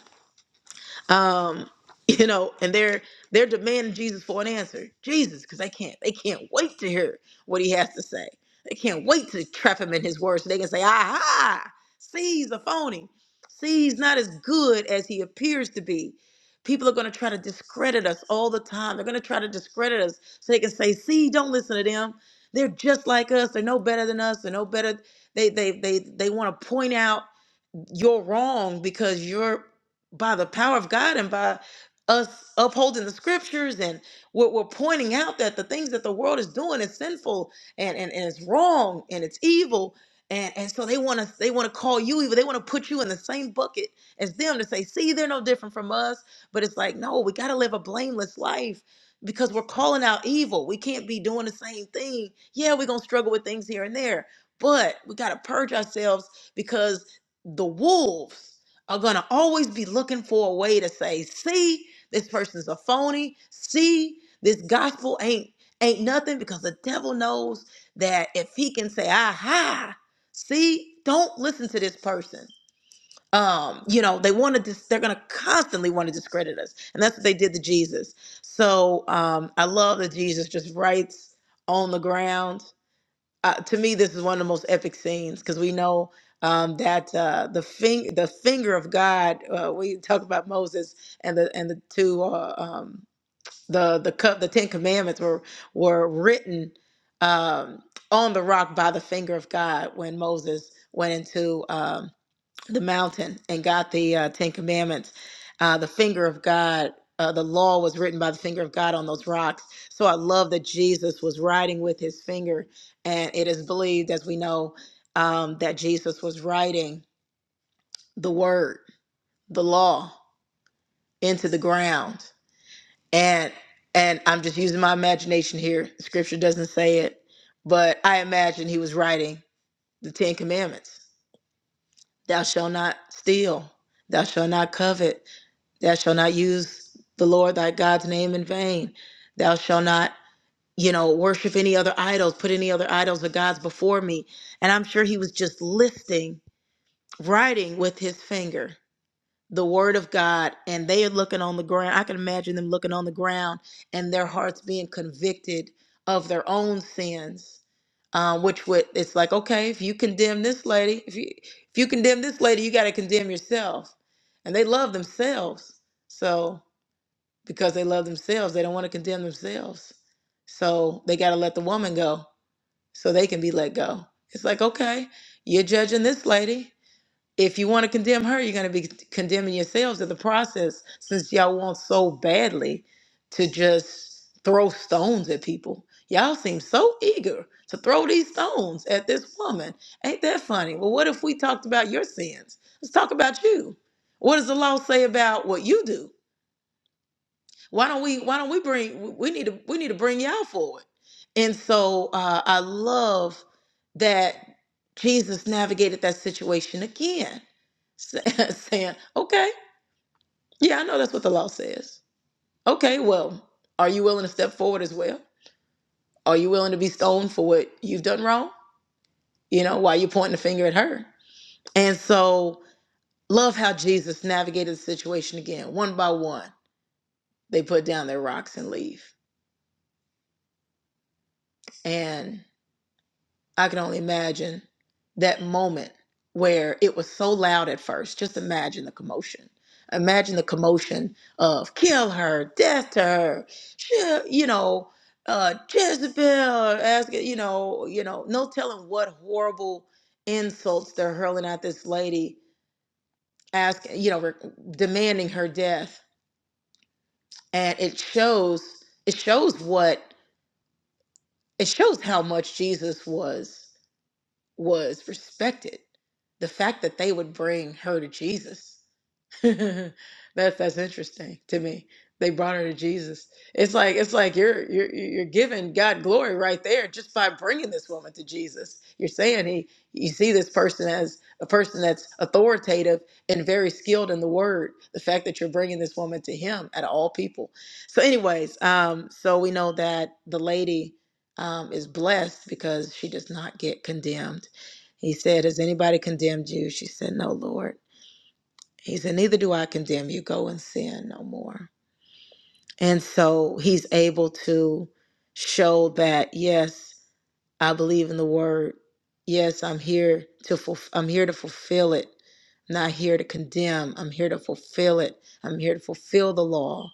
Speaker 4: um you know and they're they're demanding jesus for an answer jesus because they can't they can't wait to hear what he has to say they can't wait to trap him in his words so they can say aha see he's a phony see he's not as good as he appears to be people are going to try to discredit us all the time they're going to try to discredit us so they can say see don't listen to them they're just like us they're no better than us they're no better they they they, they want to point out you're wrong because you're by the power of God and by us upholding the scriptures and what we're pointing out that the things that the world is doing is sinful and and, and it's wrong and it's evil and and so they want to they want to call you evil they want to put you in the same bucket as them to say see they're no different from us but it's like no we got to live a blameless life because we're calling out evil we can't be doing the same thing yeah we're gonna struggle with things here and there but we got to purge ourselves because the wolves are going to always be looking for a way to say see this person's a phony see this gospel ain't ain't nothing because the devil knows that if he can say aha see don't listen to this person um you know they want to dis- they're going to constantly want to discredit us and that's what they did to jesus so um i love that jesus just writes on the ground uh, to me, this is one of the most epic scenes because we know um, that uh, the fing- the finger of God. Uh, we talk about Moses and the and the two uh, um, the the cup the Ten Commandments were were written um, on the rock by the finger of God when Moses went into. Um, to the mountain and got the uh, Ten Commandments. Uh, the finger of God, uh, the law was written by the finger of God on those rocks. So I love that Jesus was writing with his finger. And it is believed, as we know, um, that Jesus was writing the word, the law, into the ground. And and I'm just using my imagination here. Scripture doesn't say it, but I imagine he was writing the Ten Commandments. Thou shalt not steal. Thou shalt not covet. Thou shalt not use the Lord thy God's name in vain. Thou shalt not, you know, worship any other idols, put any other idols or gods before me. And I'm sure he was just listing, writing with his finger the word of God. And they are looking on the ground. I can imagine them looking on the ground and their hearts being convicted of their own sins. Um, which would it's like okay if you condemn this lady if you if you condemn this lady you got to condemn yourself and they love themselves so because they love themselves. They don't want to condemn themselves. So they got to let the woman go so they can be let go. It's like, okay, you're judging this lady. If you want to condemn her, you're going to be condemning yourselves in the process since y'all want so badly to just throw stones at people. Y'all seem so eager to throw these stones at this woman. Ain't that funny? Well, what if we talked about your sins? Let's talk about you. What does the law say about what you do? why don't we why don't we bring we need to we need to bring y'all forward and so uh, i love that jesus navigated that situation again saying okay yeah i know that's what the law says okay well are you willing to step forward as well are you willing to be stoned for what you've done wrong you know why you pointing the finger at her and so love how jesus navigated the situation again one by one they put down their rocks and leave And I can only imagine that moment where it was so loud at first. Just imagine the commotion. Imagine the commotion of kill her, death to her, she- you know, uh, Jezebel, ask, you know, you know, no telling what horrible insults they're hurling at this lady, asking, you know, re- demanding her death, and it shows, it shows what, it shows how much Jesus was. was respected. The fact that they would bring her to Jesus, That's that's interesting to me. They brought her to Jesus. It's like it's like you're you're you're giving God glory right there just by bringing this woman to Jesus. You're saying he you see this person as a person that's authoritative and very skilled in the word. The fact that you're bringing this woman to him at all people. So anyways, um so we know that the lady um is blessed because she does not get condemned. He said, "Has anybody condemned you?" She said, "No, Lord." He said, Neither do I condemn you. Go and sin no more. And so he's able to show that, yes, I believe in the word. Yes, I'm here to fulf- I'm here to fulfill it. I'm not here to condemn. I'm here to fulfill it. I'm here to fulfill the law,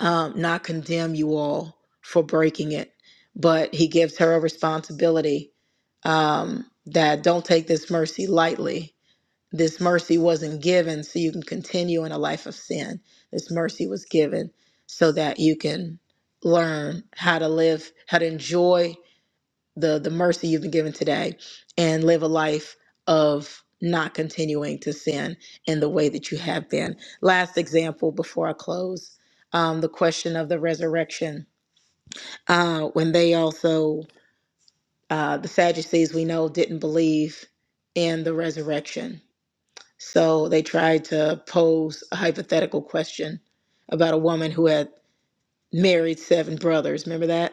Speaker 4: um, not condemn you all for breaking it. But he gives her a responsibility um, that don't take this mercy lightly this mercy wasn't given so you can continue in a life of sin. This mercy was given so that you can learn how to live, how to enjoy the, the mercy you've been given today and live a life of not continuing to sin in the way that you have been. Last example before I close um, the question of the resurrection. Uh, when they also, uh, the Sadducees we know didn't believe in the resurrection so they tried to pose a hypothetical question about a woman who had married seven brothers. Remember that?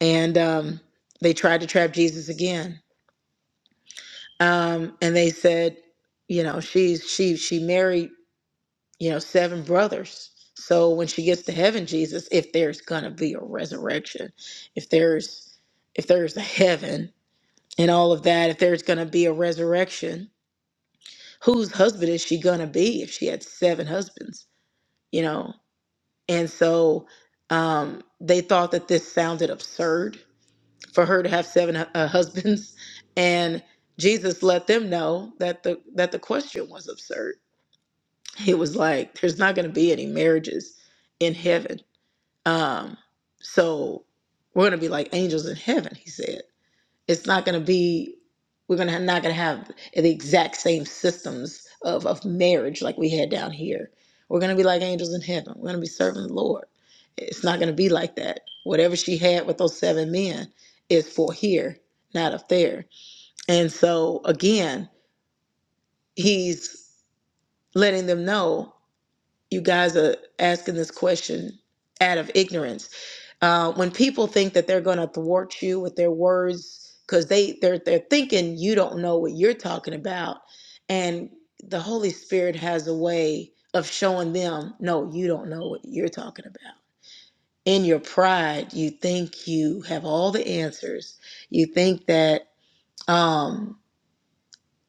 Speaker 4: And um, they tried to trap Jesus again. Um, and they said, you know, she's she she married you know seven brothers. So when she gets to heaven, Jesus, if there's gonna be a resurrection, if there's if there's a heaven and all of that, if there's gonna be a resurrection, whose husband is she gonna be if she had seven husbands? You know, And so um, they thought that this sounded absurd for her to have seven hu- uh, husbands. And Jesus let them know that the that the question was absurd. He was like, "There's not going to be any marriages in heaven. Um, so we're going to be like angels in heaven," he said it's not going to be we're going to not going to have the exact same systems of, of marriage like we had down here we're going to be like angels in heaven we're going to be serving the lord it's not going to be like that whatever she had with those seven men is for here not up there and so again he's letting them know you guys are asking this question out of ignorance uh, when people think that they're going to thwart you with their words because they they're they're thinking you don't know what you're talking about and the holy spirit has a way of showing them no you don't know what you're talking about in your pride you think you have all the answers you think that um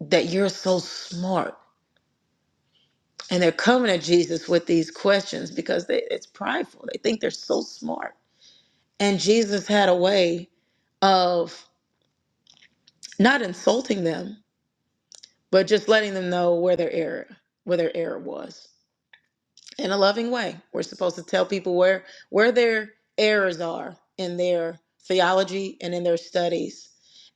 Speaker 4: that you're so smart and they're coming to jesus with these questions because they, it's prideful they think they're so smart and jesus had a way of not insulting them, but just letting them know where their error where their error was in a loving way. We're supposed to tell people where where their errors are in their theology and in their studies.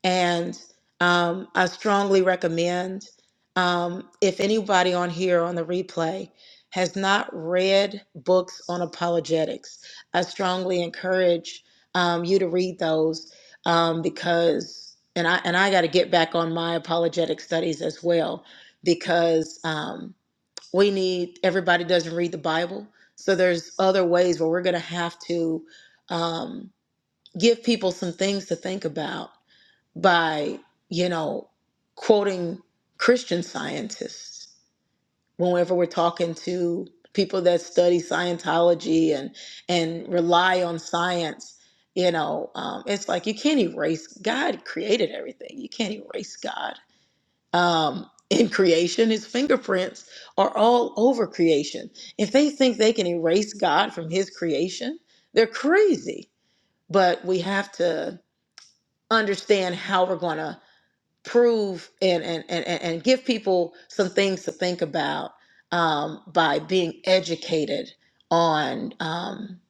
Speaker 4: And um, I strongly recommend um, if anybody on here on the replay has not read books on apologetics, I strongly encourage um, you to read those um, because and I and I got to get back on my apologetic studies as well because. Um, we need everybody doesn't read the bible so there's other ways where we're going to have to um, give people some things to think about by you know quoting christian scientists whenever we're talking to people that study scientology and and rely on science you know um, it's like you can't erase god created everything you can't erase god um, in creation. His fingerprints are all over creation. If they think they can erase God from his creation, they're crazy. But we have to understand how we're going to prove and, and, and, and and give people some things to think about um, by being educated on um,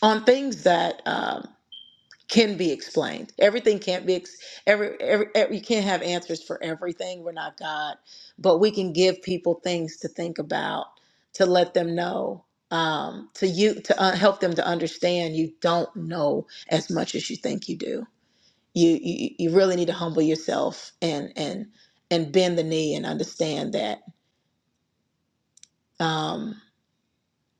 Speaker 4: on things that um, can be explained. Everything can't be ex- every, every, every you can't have answers for everything. We're not God, but we can give people things to think about, to let them know, um, to you to uh, help them to understand. You don't know as much as you think you do. You you, you really need to humble yourself and and and bend the knee and understand that. Um,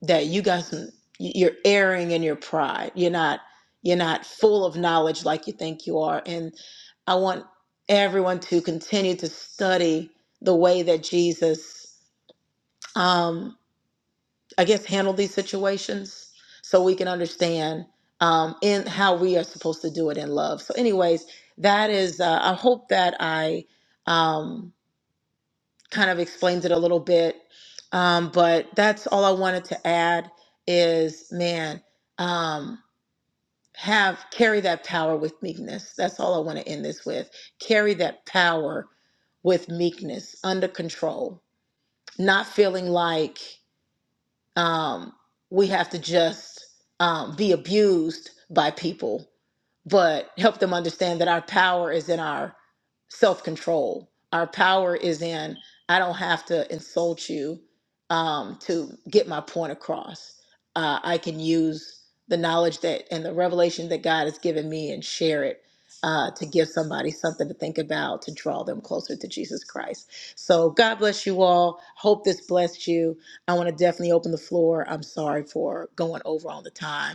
Speaker 4: that you got some you're erring in your pride you're not you're not full of knowledge like you think you are and i want everyone to continue to study the way that jesus um i guess handled these situations so we can understand um in how we are supposed to do it in love so anyways that is uh, i hope that i um kind of explains it a little bit. Um, but that's all I wanted to add is, man, um, have carry that power with meekness. That's all I want to end this with. Carry that power with meekness, under control, not feeling like um, we have to just um, be abused by people but help them understand that our power is in our self control. Our power is in, I don't have to insult you um, to get my point across. Uh, I can use the knowledge that and the revelation that God has given me and share it uh, to give somebody something to think about to draw them closer to Jesus Christ. So, God bless you all. Hope this blessed you. I want to definitely open the floor. I'm sorry for going over on the time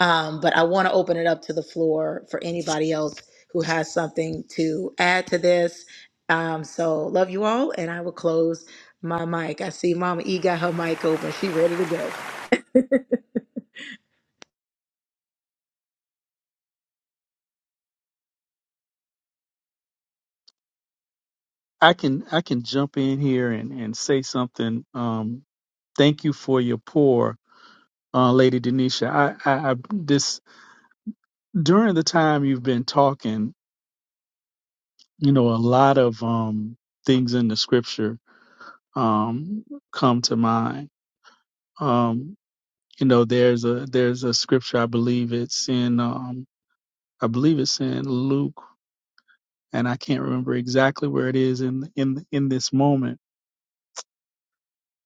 Speaker 4: um, but I want to open it up to the floor for anybody else who has something to add to this. Um, so love you all, and I will close my mic. I see Mama E got her mic open. She ready to go.
Speaker 6: I can I can jump in here and, and say something. Um, thank you for your pour, uh, Lady Denisha. I, I, I this during the time you've been talking, you know, a lot of um things in the scripture um come to mind. Um, you know, there's a there's a scripture I believe it's in um I believe it's in Luke and I can't remember exactly where it is in in in this moment,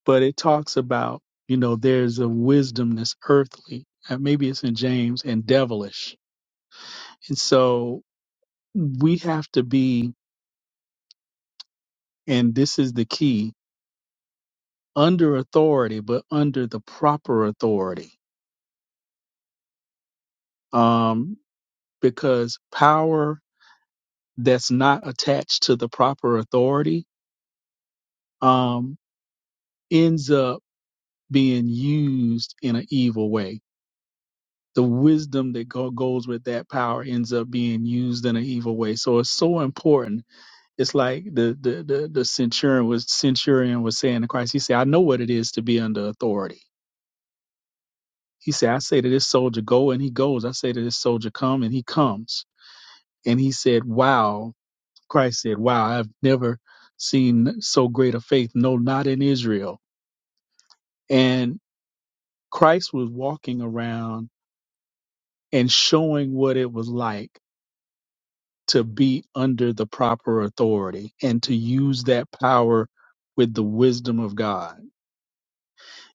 Speaker 6: but it talks about you know there's a wisdom that's earthly, and maybe it's in James and devilish, and so we have to be, and this is the key, under authority, but under the proper authority, um, because power that's not attached to the proper authority um, ends up being used in an evil way the wisdom that go- goes with that power ends up being used in an evil way. So it's so important. It's like the the the, the centurion was centurion was saying to Christ. He said, "I know what it is to be under authority." He said, "I say to this soldier, go, and he goes. I say to this soldier, come, and he comes." And he said, "Wow." Christ said, "Wow, I've never seen so great a faith. No, not in Israel." And Christ was walking around and showing what it was like to be under the proper authority and to use that power with the wisdom of God.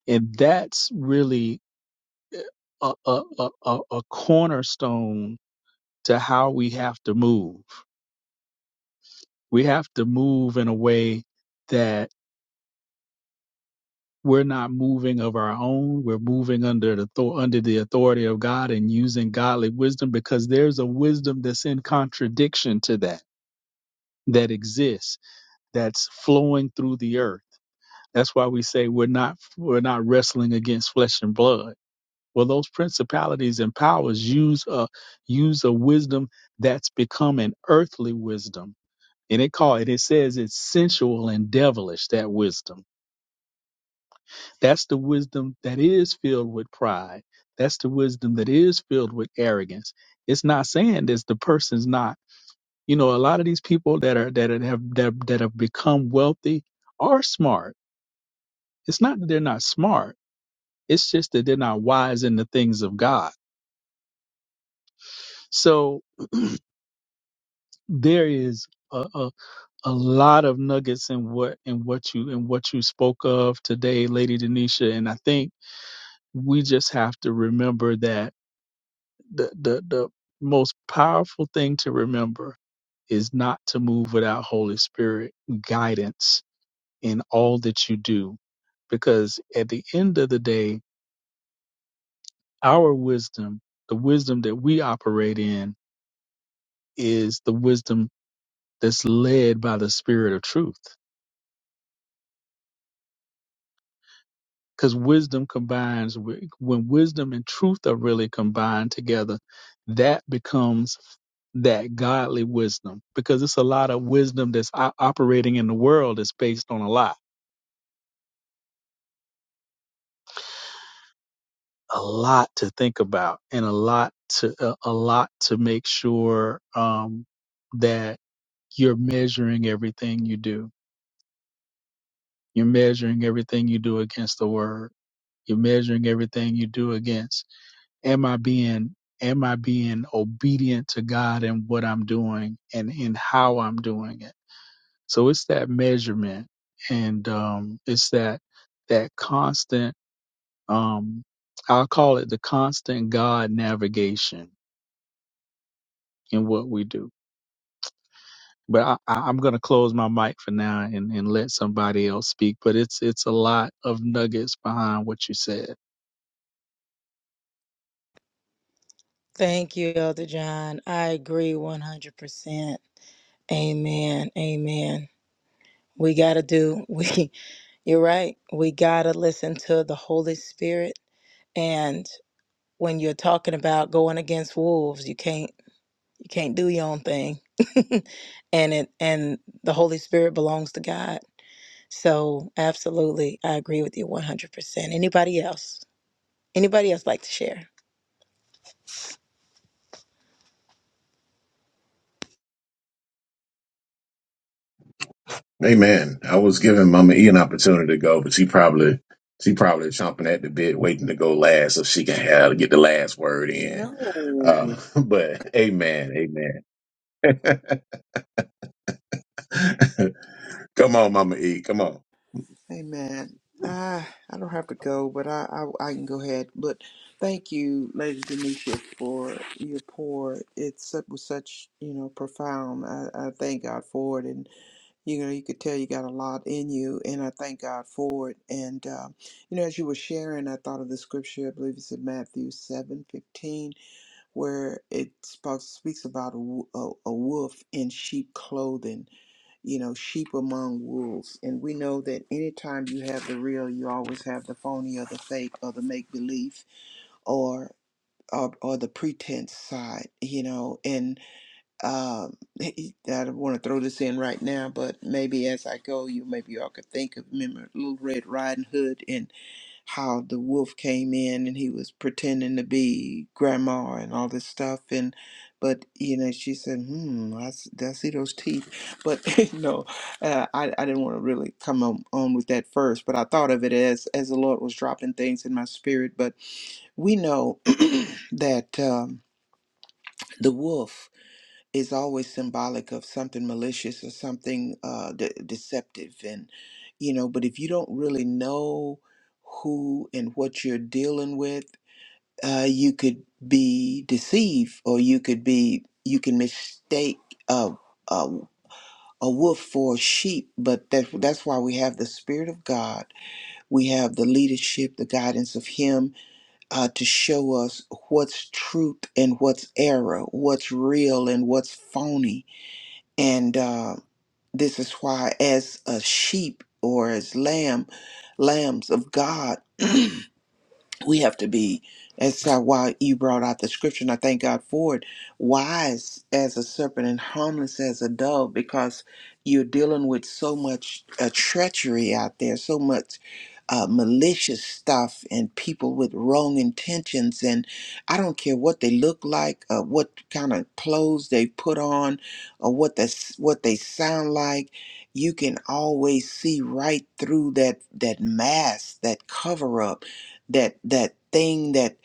Speaker 6: And that's really a, a, a, a a cornerstone to how we have to move. We have to move in a way that we're not moving of our own. We're moving under the thor- under the authority of God and using godly wisdom because there's a wisdom that's in contradiction to that that exists that's flowing through the earth That's why we say we're not we're not wrestling against flesh and blood. Well, those principalities and powers use a use a wisdom that's become an earthly wisdom. And it call it it says it's sensual and devilish, that wisdom. That's the wisdom that is filled with pride. That's the wisdom that is filled with arrogance. It's not saying this the person's not. You know, a lot of these people that are that have that, that have become wealthy are smart. It's not that they're not smart It's just that they're not wise in the things of God. So there is a, a, a lot of nuggets in what in what you in what you spoke of today, Lady Denisha. And I think we just have to remember that the the, the most powerful thing to remember is not to move without Holy Spirit guidance in all that you do. Because at the end of the day, our wisdom, the wisdom that we operate in, is the wisdom that's led by the spirit of truth. Because wisdom combines, with- when wisdom and truth are really combined together, that becomes that godly wisdom. Because it's a lot of wisdom that's o- operating in the world that's based on a lot, a lot to think about, and a lot to a, a lot to make sure um, that you're measuring everything you do. You're measuring everything you do against the word. You're measuring everything you do against Am I being am I being obedient to God in what I'm doing and in how I'm doing it? So it's that measurement and um it's that that constant um I'll call it the constant God navigation in what we do. But I, I, I'm gonna close my mic for now and, and let somebody else speak. But it's it's a lot of nuggets behind what you said.
Speaker 4: Thank you, Elder John. I agree 100%. Amen. Amen. We got to do we you're right. We got to listen to the Holy Spirit and when you're talking about going against wolves, you can't you can't do your own thing. and it and the holy spirit belongs to god so absolutely i agree with you 100% anybody else anybody else like to share
Speaker 2: Amen. I was giving Mama E an opportunity to go, but she probably she probably chomping at the bit, waiting to go last so she can have get the last word in.
Speaker 3: No,
Speaker 2: Uh, but amen, amen. Come on, Mama E. Come on.
Speaker 3: hey man, I I don't have to go, but I, I I can go ahead. But thank you, Lady Denisha, for your pour. It's su- was such you know profound. I, I thank God for it, and you know you could tell you got a lot in you, and I thank God for it. And um, you know as you were sharing, I thought of the scripture. I believe it's in Matthew seven fifteen, where it spoke, speaks about a, wo- a, a wolf in sheep clothing you know, sheep among wolves. And we know that anytime you have the real, you always have the phony or the fake or the make believe or, or or the pretense side, you know. And um, I don't want to throw this in right now, but maybe as I go, you maybe y'all could think of remember Little Red Riding Hood how the wolf came in and he was pretending to be grandma and all this stuff and but you know she said hmm i, s- I see those teeth but you know uh, I, I didn't want to really come on, on with that first but i thought of it as as the lord was dropping things in my spirit but we know that um, the wolf is always symbolic of something malicious or something uh, de- deceptive and you know but if you don't really know who and what you're dealing with uh, you could be deceived or you could be you can mistake a, a, a wolf for a sheep but that, that's why we have the spirit of god we have the leadership the guidance of him uh, to show us what's truth and what's error what's real and what's phony and uh, this is why as a sheep or as lamb lambs of god we have to be as uh, why you brought out the scripture and i thank god for it wise as a serpent and harmless as a dove because you're dealing with so much uh, treachery out there so much uh, malicious stuff and people with wrong intentions and i don't care what they look like uh, what kind of clothes they put on or what they what they sound like you can always see right through that that mask that cover up that that thing that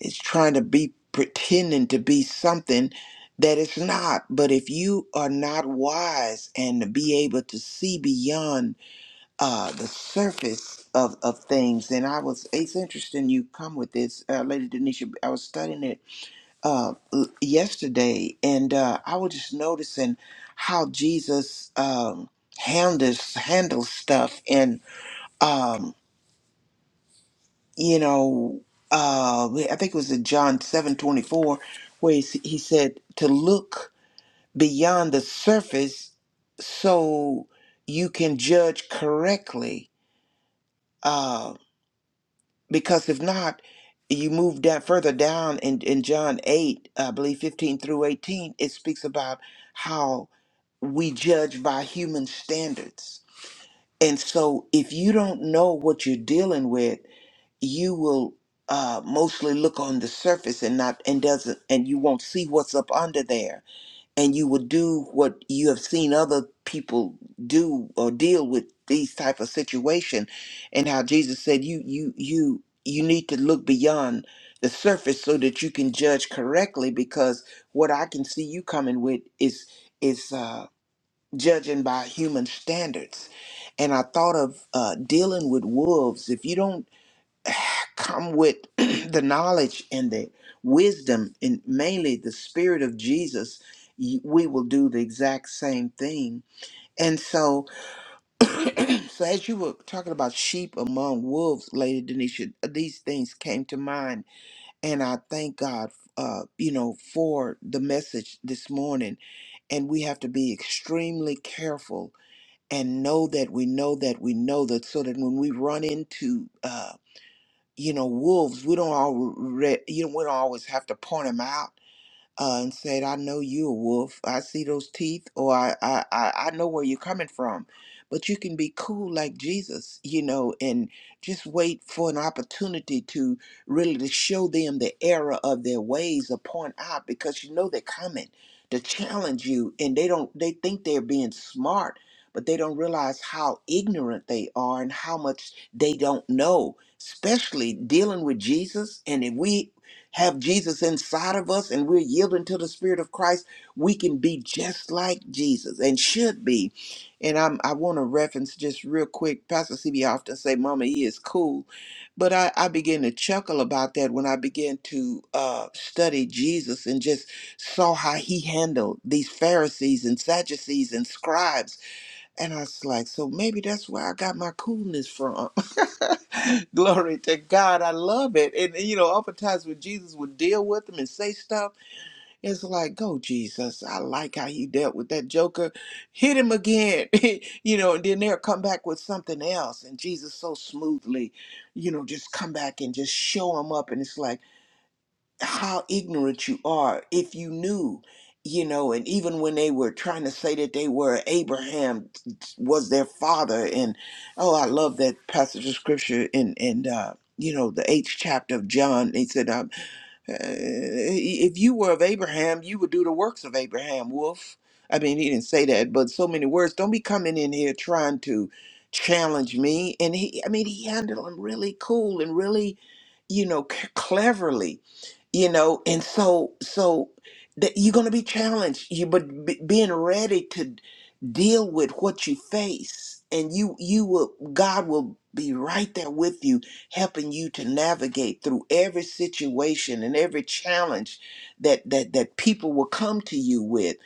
Speaker 3: is trying to be pretending to be something that it's not but if you are not wise and to be able to see beyond uh, the surface of, of things and i was it's interesting you come with this uh, lady denisha i was studying it uh, l- yesterday and uh, i was just noticing how jesus um, handles handles stuff and um, you know, uh, I think it was in John seven twenty four, where he, s- he said to look beyond the surface so you can judge correctly. Uh, because if not, you move down further down in, in John 8, I believe 15 through 18, it speaks about how we judge by human standards. And so if you don't know what you're dealing with, you will uh, mostly look on the surface and not and doesn't and you won't see what's up under there and you will do what you have seen other people do or deal with these type of situation and how jesus said you you you you need to look beyond the surface so that you can judge correctly because what i can see you coming with is is uh judging by human standards and i thought of uh dealing with wolves if you don't come with the knowledge and the wisdom and mainly the spirit of Jesus, y- we will do the exact same thing. And so, so as you were talking about sheep among wolves, Lady Denisha, these things came to mind, and I thank God, uh, you know, for the message this morning. And we have to be extremely careful and know that we know that we know that, so that when we run into uh, you know wolves we don't all re- you know we don't always have to point them out uh, and said, I know you a wolf. I see those teeth, or I, I, I I know where you're coming from. But you can be cool like Jesus, you know, and just wait for an opportunity to really to show them the error of their ways or point out because you know they're coming to challenge you and they don't they think they're being smart, but they don't realize how ignorant they are and how much they don't know, especially dealing with Jesus. And if we have Jesus inside of us and we're yielding to the Spirit of Christ, we can be just like Jesus and should be. And I'm, I want to reference just real quick. Pastor CB often say, "Mama, he is cool," but I, I began to chuckle about that when I began to uh, study Jesus and just saw how he handled these Pharisees and Sadducees and scribes and I was like, so maybe that's where I got my coolness from. Glory to God. I love it. And, you know, oftentimes when Jesus would deal with them and say stuff, it's like, go, Jesus. I like how he dealt with that joker. Hit him again. you know, and then they'll come back with something else. And Jesus so smoothly, you know, just come back and just show him up. And it's like, how ignorant you are if you knew you know and even when they were trying to say that they were abraham was their father and oh i love that passage of scripture in in uh you know the eighth chapter of john he said um, uh, if you were of Abraham, you would do the works of Abraham, wolf. I mean, he didn't say that, but so many words. Don't be coming in here trying to challenge me. And he, I mean, he handled him really cool and really, you know, c- cleverly, you know. And so, so that you're going to be challenged. You, but b- being ready to deal with what you face, and you, you will, God will be right there with you helping you to navigate through every situation and every challenge that that that people will come to you with.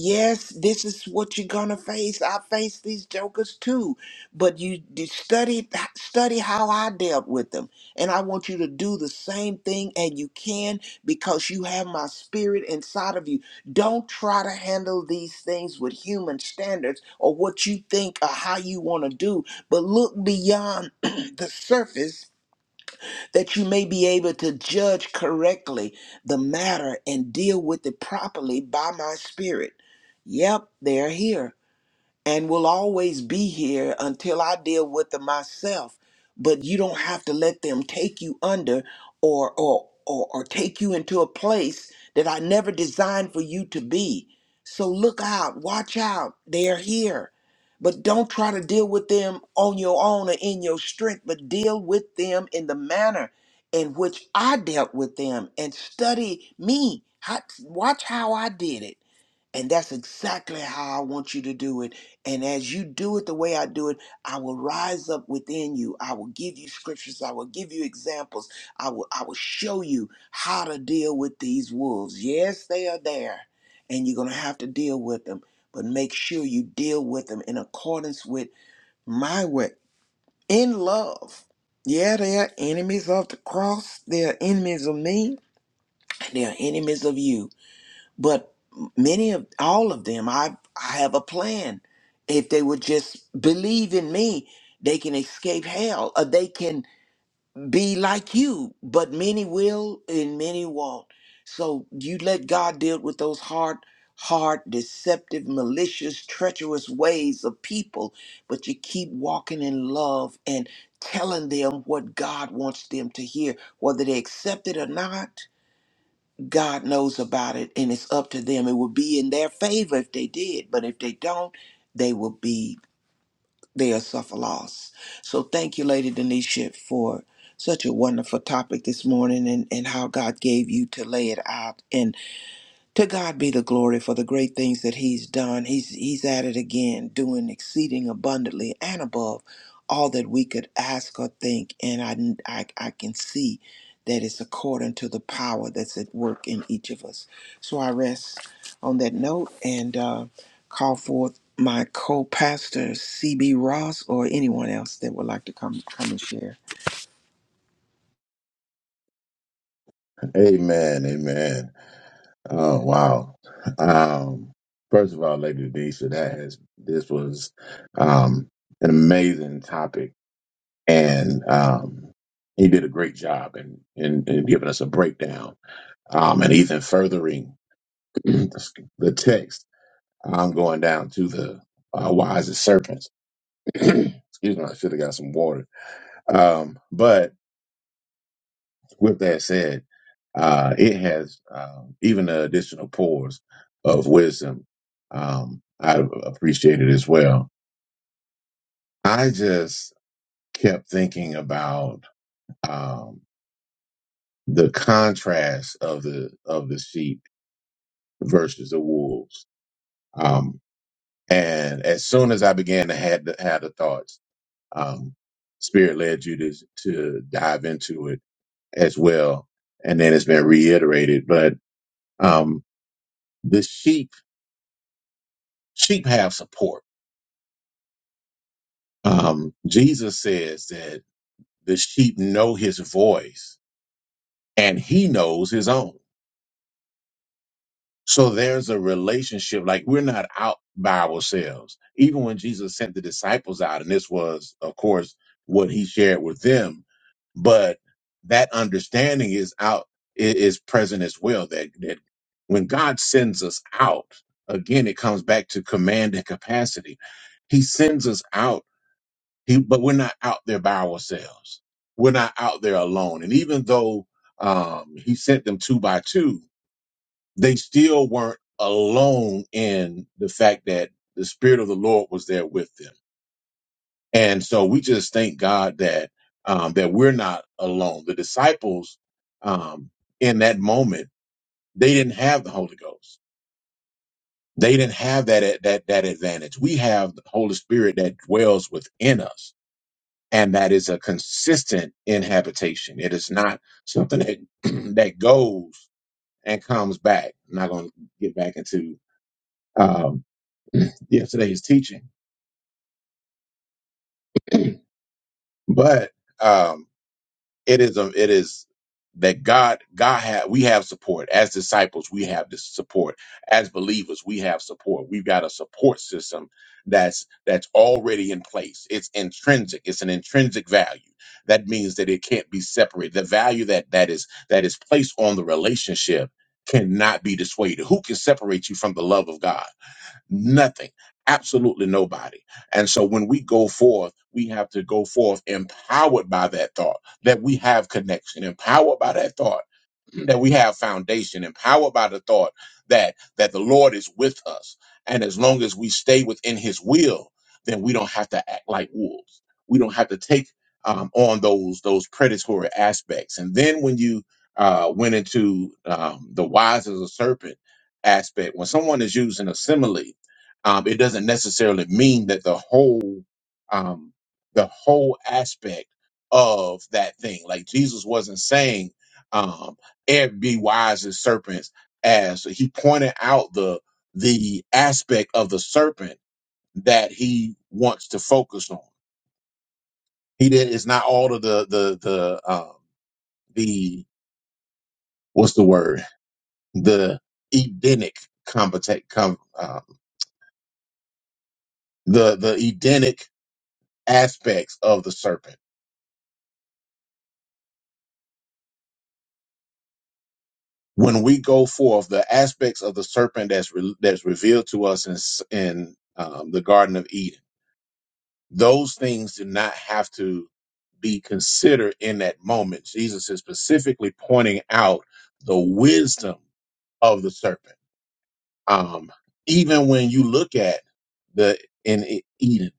Speaker 3: Yes, this is what you're gonna face. I face these jokers too, but you, you study study how I dealt with them, and I want you to do the same thing, and you can because you have my spirit inside of you. Don't try to handle these things with human standards or what you think or how you want to do, but look beyond the surface that you may be able to judge correctly the matter and deal with it properly by my spirit. Yep, they're here and will always be here until I deal with them myself. But you don't have to let them take you under or or or, or take you into a place that I never designed for you to be. So look out, watch out. They're here. But don't try to deal with them on your own or in your strength, but deal with them in the manner in which I dealt with them and study me. How, watch how I did it and that's exactly how I want you to do it. And as you do it the way I do it, I will rise up within you. I will give you scriptures. I will give you examples. I will I will show you how to deal with these wolves. Yes, they are there, and you're going to have to deal with them, but make sure you deal with them in accordance with my way in love. Yeah, they are enemies of the cross. They are enemies of me. They are enemies of you but many of all of them i i have a plan if they would just believe in me they can escape hell or they can be like you but many will and many won't so you let god deal with those hard hard deceptive malicious treacherous ways of people but you keep walking in love and telling them what god wants them to hear whether they accept it or not God knows about it and it's up to them. It would be in their favor if they did, but if they don't, they will be they'll suffer loss. So thank you, Lady Denisha, for such a wonderful topic this morning and, and how God gave you to lay it out to God be the glory for the great things that He's done. He's He's at it again, doing exceeding abundantly and above all that we could ask or think. And I I, I can see that it's according to the power that's at work in each of us. So I rest on that note and uh, call forth my co-pastor CB Ross or anyone else that would like to come come and share.
Speaker 2: Amen, amen. Oh wow! Um, first of all, Lady Deisha, that has this was um, an amazing topic, and um, he did a great job in, in in giving us a breakdown, um, and even furthering the text. I'm going down to the uh, wise as serpents. Excuse me, I should have got some water. Um, but With that said, uh, it has um, even the additional pores of wisdom. Um, I appreciate it as well. I just kept thinking about um, the contrast of the of the sheep versus the wolves. Um, and as soon as I began to had the, had the thoughts, um, Spirit led you to to dive into it as well, and then it's been reiterated. But um, the sheep sheep have support. Um, Jesus says that the sheep know his voice and he knows his own. So there's a relationship, like we're not out by ourselves. Even when Jesus sent the disciples out, and this was, of course, what he shared with them, but that understanding is out, i- is present as well. That, that when God sends us out, again, it comes back to command and capacity. He sends us out He, but we're not out there by ourselves. We're not out there alone. And even though um, he sent them two by two, they still weren't alone in the fact that the Spirit of the Lord was there with them. And so we just thank God that um, that we're not alone. The disciples um, in that moment they didn't have the Holy Ghost. They didn't have that that that advantage. We have the Holy Spirit that dwells within us and that is a consistent inhabitation. It is not something that that goes and comes back. I'm not going to get back into um, yesterday's teaching, but um, it is a, it is that God God had we have support as disciples we have this support as believers we have support we've got a support system that's that's already in place it's intrinsic it's an intrinsic value that means that it can't be separated the value that that is that is placed on the relationship cannot be dissuaded who can separate you from the love of God Nothing. Absolutely nobody. And so when we go forth, we have to go forth empowered by that thought that we have connection, empowered by that thought that we have foundation, empowered by the thought that that the Lord is with us. And as long as we stay within his will, then we don't have to act like wolves. We don't have to take um, on those those predatory aspects. And then when you uh, went into um, the wise as a serpent aspect, when someone is using a simile, um, it doesn't necessarily mean that the whole um, the whole aspect of that thing like jesus wasn't saying um, "And be wise as serpents as he pointed out the the aspect of the serpent that he wants to focus on he did it's not all of the the the um, the what's the word the edenic compet- com, um, the the edenic aspects of the serpent when we go forth, the aspects of the serpent that's re- that's revealed to us in s- in um, the Garden of Eden, those things do not have to be considered in that moment. Jesus is specifically pointing out the wisdom of the serpent. Um, even when you look at the in E- Eden,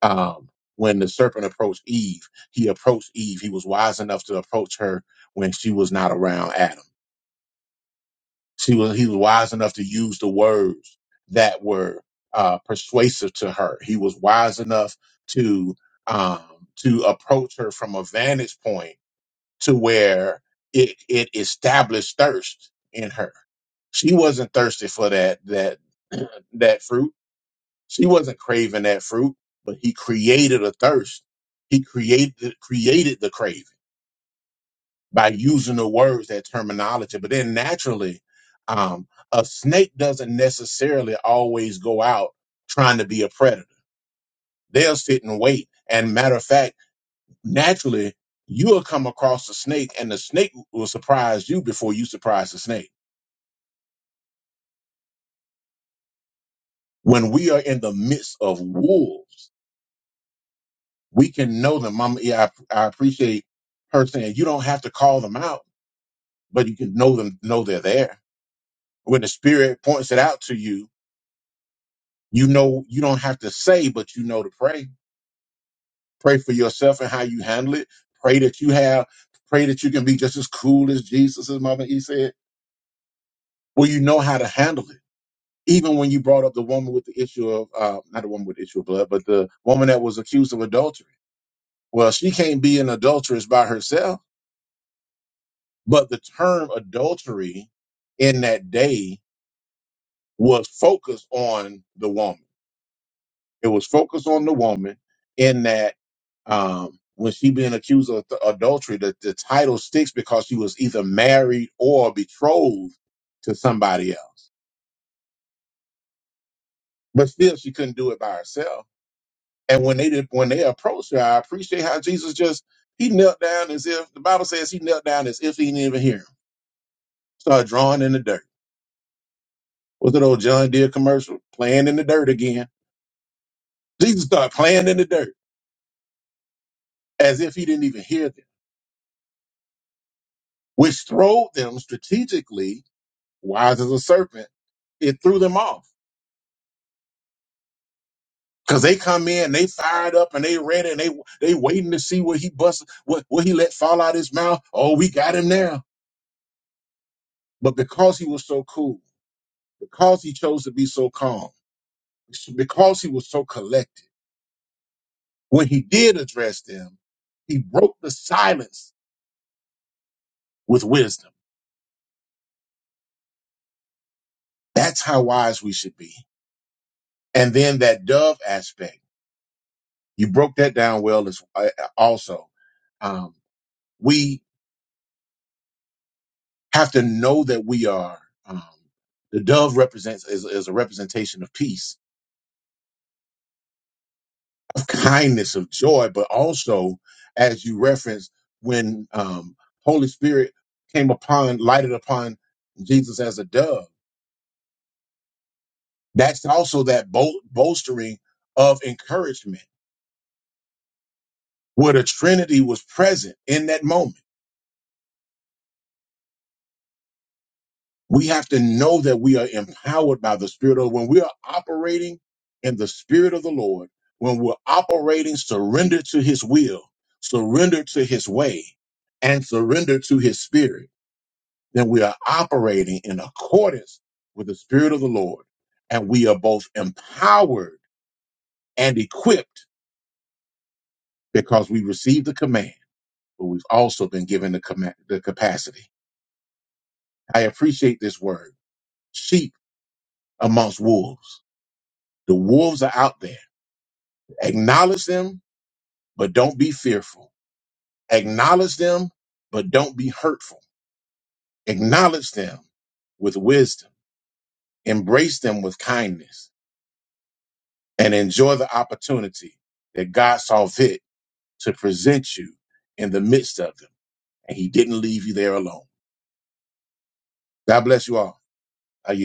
Speaker 2: um, when the serpent approached Eve, he approached Eve. He was wise enough to approach her when she was not around Adam She was he was wise enough to use the words that were uh, persuasive to her. He was wise enough to um, to approach her from a vantage point to where it it established thirst in her. She wasn't thirsty for that that that fruit. She wasn't craving that fruit, but he created a thirst. He created created the craving by using the words, that terminology. But then naturally, um, a snake doesn't necessarily always go out trying to be a predator. They'll sit and wait. And matter of fact, naturally, you'll come across a snake and the snake will surprise you before you surprise the snake. When we are in the midst of wolves, we can know them. Mama, yeah, I, I appreciate her saying you don't have to call them out, but you can know them, know they're there. When the spirit points it out to you, you know you don't have to say but you know to pray pray for yourself and how you handle it pray that you have pray that you can be just as cool as jesus as mother e said well you know how to handle it even when you brought up the woman with the issue of uh, not the woman with the issue of blood but the woman that was accused of adultery well she can't be an adulteress by herself but the term adultery in that day was focused on the woman It was focused on the woman in that um, when she being accused of th- adultery, that the title sticks because she was either married or betrothed to somebody else. But still, she couldn't do it by herself. And when they did, when they approached her, I appreciate how Jesus just he knelt down as if the Bible says he knelt down as if he didn't even hear him. Started drawing in the dirt. Was it old John Deere commercial playing in the dirt again? Jesus started playing in the dirt as if he didn't even hear them, which throwed them strategically wise as a serpent. It threw them off because they come in, they fired up, and they ready, and they they waiting to see what he bust, what what he let fall out his mouth. Oh, we got him now. But because he was so cool, because he chose to be so calm, because he was so collected, when he did address them, he broke the silence with wisdom. That's how wise we should be. And then that dove aspect, you broke that down well as uh, also. Um, we have to know that we are. Um, the dove represents is, is a representation of peace, of kindness, of joy, but also, as you referenced, when um, Holy Spirit came upon, lighted upon Jesus as a dove. That's also that bol- bolstering of encouragement, where the Trinity was present in that moment We have to know that we are empowered by the Spirit of when we are operating in the Spirit of the Lord, when we're operating surrendered to His will, surrendered to His way, and surrendered to His Spirit, then we are operating in accordance with the Spirit of the Lord. And we are both empowered and equipped because we received the command, but we've also been given the, command, the capacity. I appreciate this word sheep amongst wolves. The wolves are out there Acknowledge them, but don't be fearful. Acknowledge them, but don't be hurtful. Acknowledge them with wisdom, embrace them with kindness, and enjoy the opportunity that God saw fit to present you in the midst of them. And He didn't leave you there alone. God bless you all. I yield.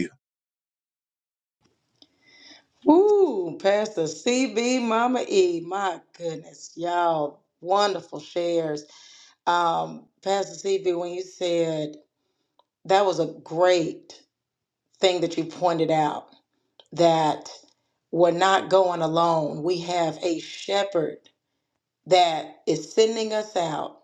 Speaker 4: Ooh, Pastor CB, Mama E, my goodness, y'all, wonderful shares. Um, Pastor CB, when you said that was a great thing that you pointed out that we're not going alone. We have a shepherd that is sending us out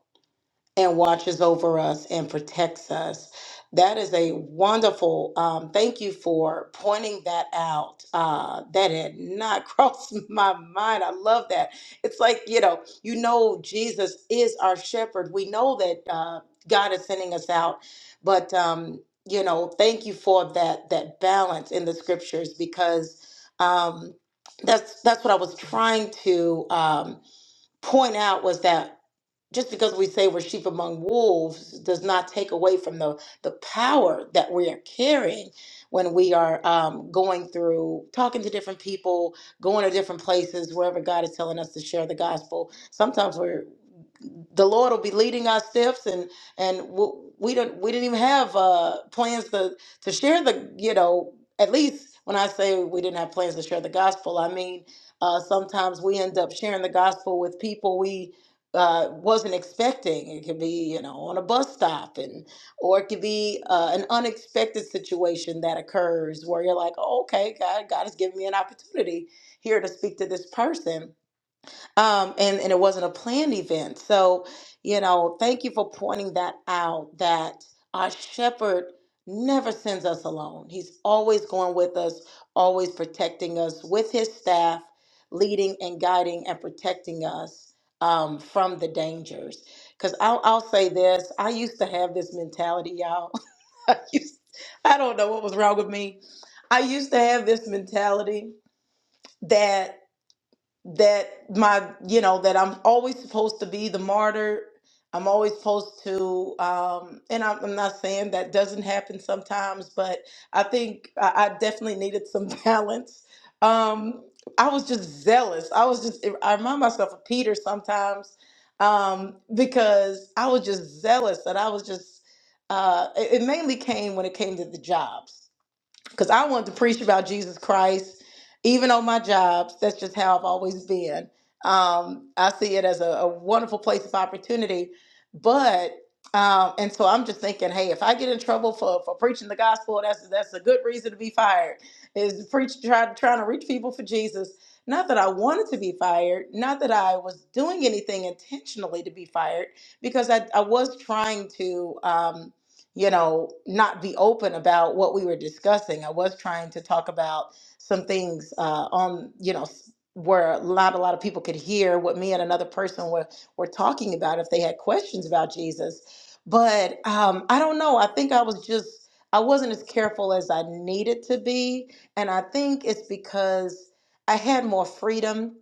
Speaker 4: and watches over us and protects us. That is a wonderful. Um, thank you for pointing that out. Uh, that had not crossed my mind. I love that. It's like you know, you know, Jesus is our shepherd. We know that uh, God is sending us out, but um, you know, thank you for that that balance in the scriptures because um, that's that's what I was trying to um, point out was that just because we say we're sheep among wolves does not take away from the, the power that we are carrying when we are um, going through talking to different people going to different places wherever god is telling us to share the gospel sometimes we're the lord will be leading our steps and and we'll, we don't we didn't even have uh plans to to share the you know at least when i say we didn't have plans to share the gospel i mean uh, sometimes we end up sharing the gospel with people we uh, wasn't expecting. It could be, you know, on a bus stop, and or it could be uh, an unexpected situation that occurs where you're like, oh, okay, God, God has given me an opportunity here to speak to this person um, and and it wasn't a planned event. So, you know, thank you for pointing that out. That our shepherd never sends us alone. He's always going with us, always protecting us with his staff, leading and guiding and protecting us um, from the dangers. Because I'll I'll say this: I used to have this mentality, y'all. I used, I don't know what was wrong with me. I used to have this mentality that that my you know that i'm always supposed to be the martyr i'm always supposed to um and i'm, I'm not saying that doesn't happen sometimes but i think i, I definitely needed some balance um i was just zealous i was just i remind myself of peter sometimes um because i was just zealous that i was just uh it, it mainly came when it came to the jobs because I wanted to preach about Jesus Christ, even on my jobs. That's just how I've always been. Um, I see it as a, a wonderful place of opportunity. But um, and so I'm just thinking, hey, if I get in trouble for, for preaching the gospel, that's that's a good reason to be fired. Is preach trying trying to reach people for Jesus. Not that I wanted to be fired, not that I was doing anything intentionally to be fired, because I, I was trying to. Um, you know, not be open about what we were discussing. I was trying to talk about some things uh, on, you know, s- where not a lot of people could hear what me and another person were, were talking about if they had questions about Jesus. But um, I don't know. I think I was just, I wasn't as careful as I needed to be. And I think it's because I had more freedom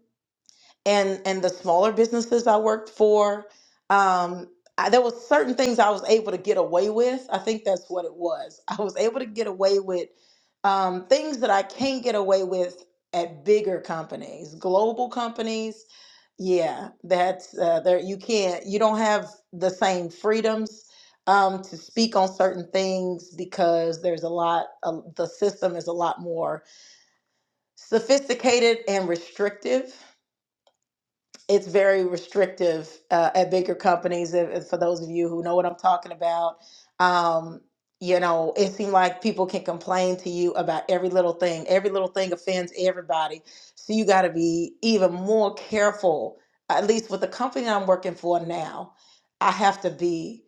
Speaker 4: and and the smaller businesses I worked for, um, I, there was certain things I was able to get away with. I think that's what it was. I was able to get away with um, things that I can't get away with at bigger companies, global companies. Yeah, that's uh, there. You can't. You don't have the same freedoms um, to speak on certain things because there's a lot. Uh, the system is a lot more sophisticated and restrictive it's very restrictive uh, at bigger companies. If, if- for those of you who know what I'm talking about, um, you know, it seems like people can complain to you about every little thing. Every little thing offends everybody, so you got to be even more careful. At least with the company I'm working for now, I have to be.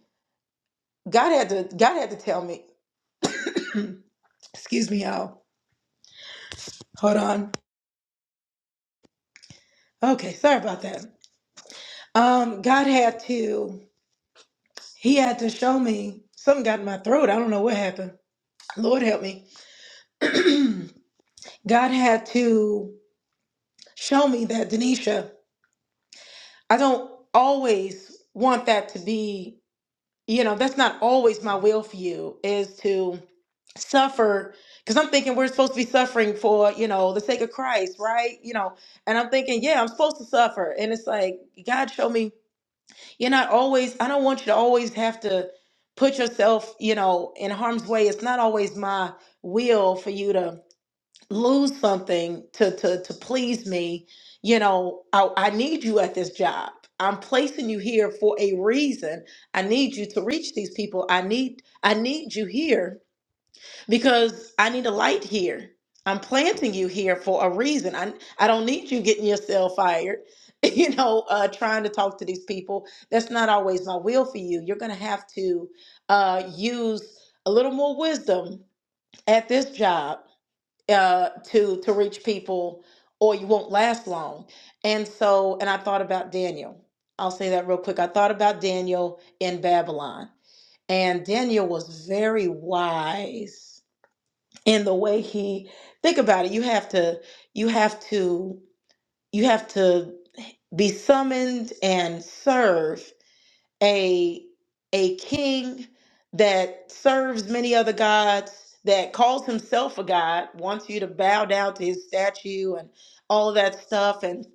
Speaker 4: God had to. God had to tell me. Excuse me, y'all. Hold on. Okay, sorry about that. Um, God had to. He had to show me something got in my throat. I don't know what happened Lord help me. God had to show me that, Denisha, I don't always want that to be, you know, that's not always my will for you is to suffer. Because I'm thinking we're supposed to be suffering for, you know, the sake of Christ, right? You know, and I'm thinking, yeah, I'm supposed to suffer. And it's like, God, show me, you're not always, I don't want you to always have to put yourself, you know, in harm's way. It's not always my will for you to lose something to to to please me you know I, I need you at this job i'm placing you here for a reason i need you to reach these people i need i need you here because i need a light here i'm planting you here for a reason i i don't need you getting yourself fired you know uh trying to talk to these people that's not always my will for you you're gonna have to uh use a little more wisdom at this job uh, to to reach people or you won't last long and so and i thought about daniel i'll say that real quick i thought about daniel in babylon and daniel was very wise in the way he think about it you have to you have to you have to be summoned and serve a a king that serves many other gods that calls himself a god wants you to bow down to his statue and all of that stuff and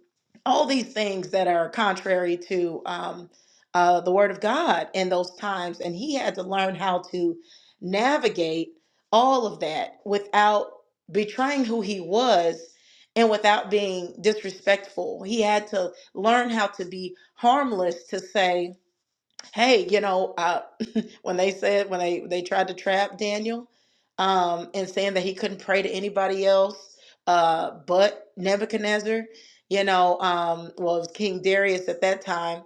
Speaker 4: all these things that are contrary to um, uh, the word of god in those times and he had to learn how to navigate all of that without betraying who he was and without being disrespectful he had to learn how to be harmless to say hey, you know, uh, when they said when they they tried to trap Daniel, um, and saying that he couldn't pray to anybody else, uh, but Nebuchadnezzar, you know, um, well, it was King Darius at that time.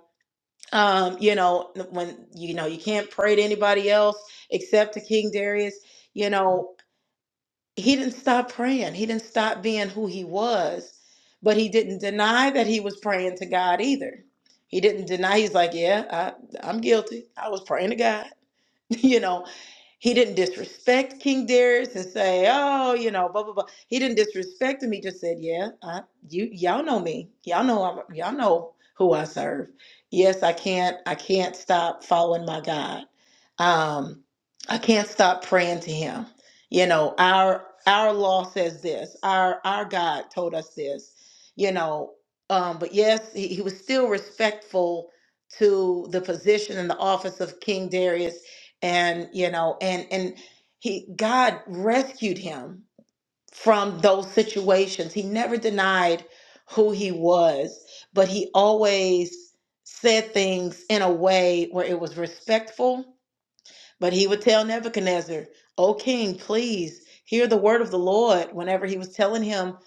Speaker 4: Um, you know, when you know you can't pray to anybody else except to King Darius. You know, he didn't stop praying. He didn't stop being who he was, but he didn't deny that he was praying to God either. He didn't deny. He's like, yeah, I, I'm guilty. I was praying to God, you know. He didn't disrespect King Darius and say, "Oh, you know, blah blah blah." He didn't disrespect him. He just said, "Yeah, I, you y'all know me. Y'all know I'm, y'all know who I serve. Yes, I can't I can't stop following my God. Um, I can't stop praying to Him. You know, our our law says this. Our our God told us this. You know, um, but yes, he, he was still respectful to the position and the office of King Darius and you know and and he god rescued him from those situations he never denied who he was but he always said things in a way where it was respectful but he would tell Nebuchadnezzar, O king, please hear the word of the Lord. Whenever he was telling him,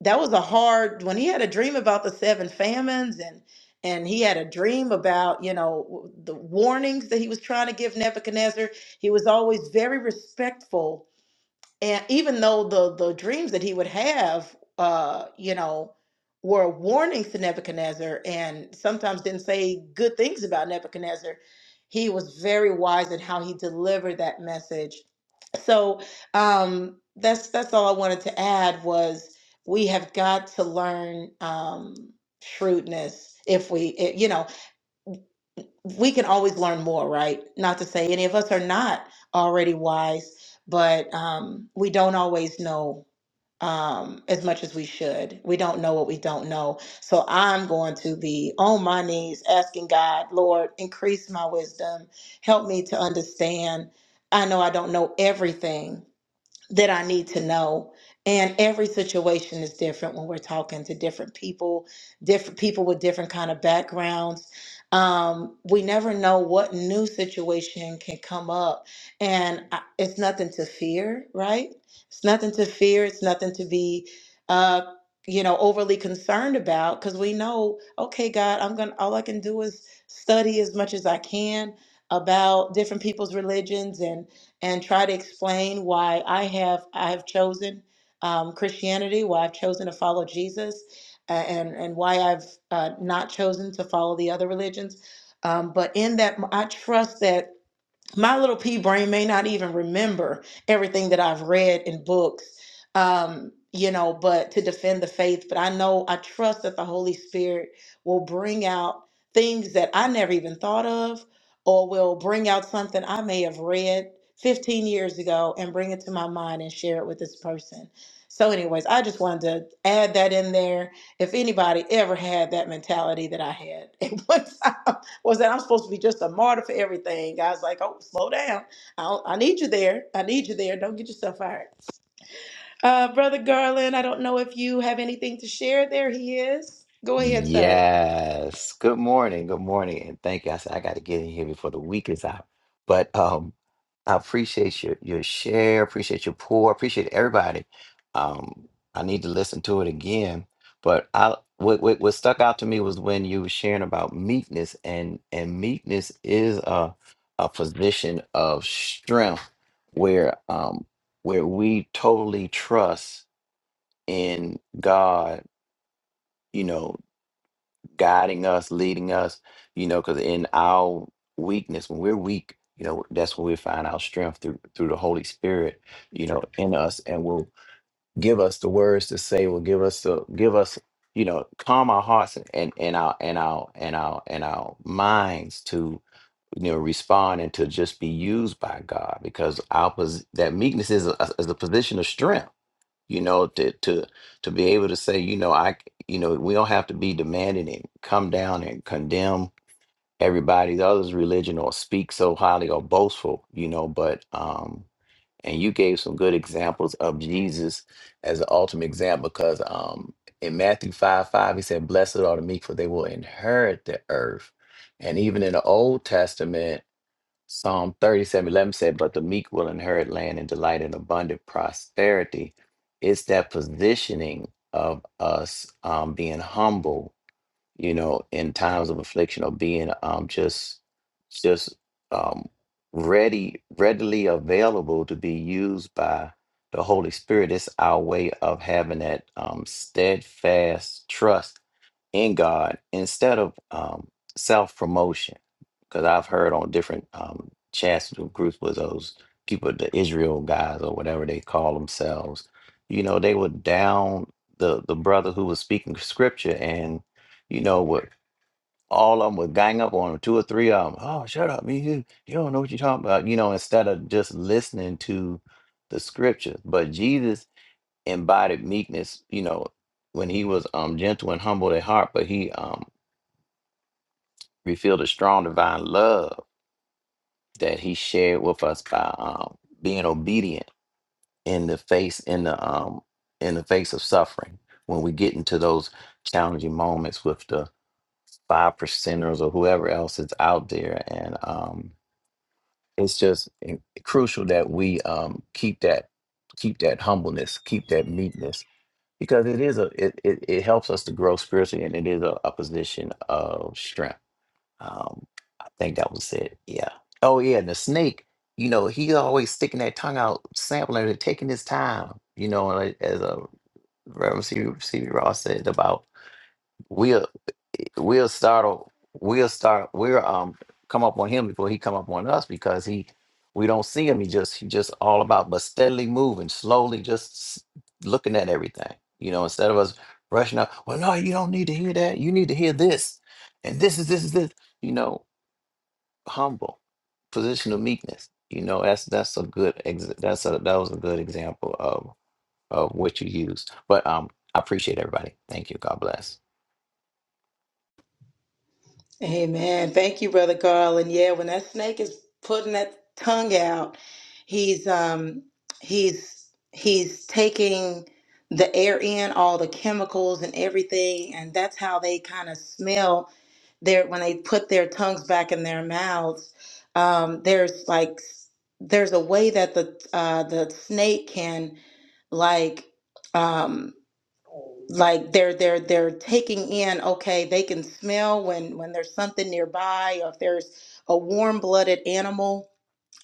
Speaker 4: that was a hard, when he had a dream about the seven famines and and he had a dream about, you know, w- the warnings that he was trying to give Nebuchadnezzar. He was always very respectful and even though the the dreams that he would have uh you know were warnings to Nebuchadnezzar and sometimes didn't say good things about Nebuchadnezzar he was very wise in how he delivered that message so um that's that's all I wanted to add was we have got to learn um shrewdness if we eh, you know we can always learn more right not to say any of us are not already wise but um, we don't always know um, as much as we should. We don't know what we don't know. So I'm going to be on my knees asking God, Lord, increase my wisdom. Help me to understand. I know I don't know everything, that I need to know. And every situation is different when we're talking to different people, different people with different kind of backgrounds. Um, we never know what new situation can come up, and I, it's nothing to fear, right? It's nothing to fear. It's nothing to be, uh, you know, overly concerned about because we know, okay, God, I'm gonna. All I can do is study as much as I can about different people's religions and and try to explain why I have I have chosen um, Christianity, why I've chosen to follow Jesus, uh, and and why I've uh, not chosen to follow the other religions. Um, but in that, I trust that my little pea brain may not even remember everything that I've read in books, um, you know, but to defend the faith. But I know, I trust that the Holy Spirit will bring out things that I never even thought of, or will bring out something I may have read 15 years ago and bring it to my mind and share it with this person. So, anyways, I just wanted to add that in there. If anybody ever had that mentality that I had at one time, was that I'm supposed to be just a martyr for everything. God's like, oh, slow down. I, don't- I need you there. I need you there. Don't get yourself fired. Uh, Brother Garland, I don't know if you have anything to share. There he is. Go ahead, sir.
Speaker 7: Yes. Good morning. Good morning. And thank you. I said I got to get in here before the week is out. But um, I appreciate your your share. Appreciate your pour. Appreciate everybody. Um, I need to listen to it again. But I what what, what stuck out to me was when you were sharing about meekness, and and meekness is a a position of strength where um where we totally trust in God. You know guiding us, leading us, you know, because in our weakness, when we're weak, you know, that's when we find our strength through through the Holy Spirit, you know, in us and will give us the words to say, will give us the give us, you know, calm our hearts and and and our and our and our and our minds to you know respond and to just be used by God because our pos- that meekness is a, is a position of strength you know to to to be able to say you know I you know we don't have to be demanding and come down and condemn everybody the other's religion or speak so highly or boastful you know but um and you gave some good examples of jesus as the ultimate example because um in matthew 5 5 he said blessed are the meek for they will inherit the earth and even in the old testament Psalm 37 11 said, But the meek will inherit land and delight in abundant prosperity. It's that positioning of us um, being humble you know, in times of affliction or being um, just just um, ready, readily available to be used by the Holy Spirit. It's our way of having that um, steadfast trust in God instead of um, self promotion. Because I've heard on different um, chats with groups with those people, the Israel guys or whatever they call themselves, you know, they were down the the brother who was speaking scripture and you know, with all of them would gang up on him, two or three of them. Oh, shut up, me, you, you don't know what you're talking about, you know, instead of just listening to the scriptures. But Jesus embodied meekness, you know, when he was um gentle and humble at heart, but he um revealed a strong divine love that he shared with us by um being obedient in the face in the um in the face of suffering when we get into those challenging moments with the five percenters or whoever else is out there and um it's just in- crucial that we um keep that keep that humbleness keep that meekness because it is a it, it, it helps us to grow spiritually and it is a, a position of strength um i think that was it yeah oh yeah and the snake you know he always sticking that tongue out sampling it taking his time you know and like, as a reverend cb ross said about we we'll start we'll start we'll um come up on him before he come up on us because he we don't see him he just he just all about but steadily moving slowly just s- looking at everything you know instead of us rushing up well no you don't need to hear that you need to hear this and this is this is this you know humble position of meekness you know that's that's a good ex- that's a that was a good example of what you use. But um, I appreciate everybody. Thank you. God bless.
Speaker 4: Amen. Thank you, Brother Garland. Yeah, when that snake is putting that tongue out, he's um he's he's taking the air in, all the chemicals and everything, and that's how they kind of smell their when they put their tongues back in their mouths. Um, there's like there's a way that the uh, the snake can like um, like they're they're they're taking in okay they can smell when when there's something nearby or if there's a warm-blooded animal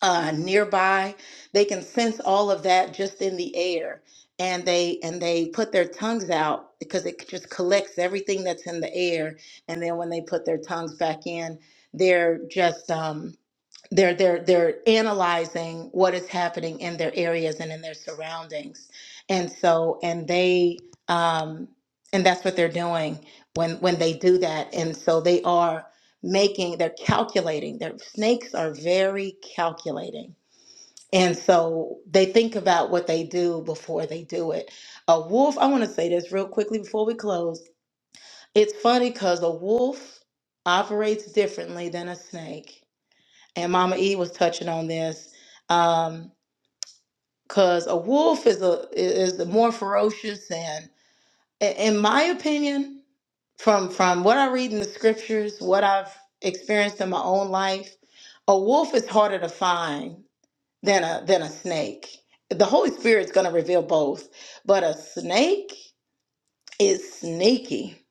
Speaker 4: uh, nearby. They can sense all of that just in the air, and they and they put their tongues out because it just collects everything that's in the air. And then when they put their tongues back in, they're just um, they're they're they're analyzing what is happening in their areas and in their surroundings and so and they um and that's what they're doing when when they do that and so they are making, they're calculating. Their snakes are very calculating. And so they think about what they do before they do it. A wolf, I want to say this real quickly before we close. It's funny because a wolf operates differently than a snake. And Mama E was touching on this. Um, because a wolf is a is more ferocious and in in my opinion, from from what I read in the scriptures, what I've experienced in my own life, a wolf is harder to find than a than a snake. The Holy Spirit's going to reveal both, but a snake is sneaky.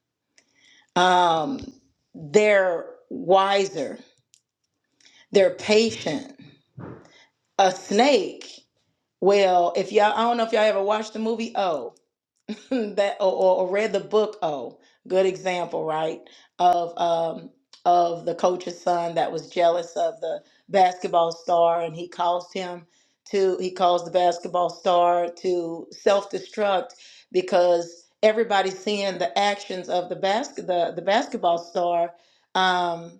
Speaker 4: Um, they're wiser. They're patient. A snake. Well, if y'all, I don't know if y'all ever watched the movie O. that or, or or read the book oh good example right of um of the coach's son that was jealous of the basketball star and he caused him to he caused the basketball star to self-destruct because everybody's seeing the actions of the basket the, the basketball star um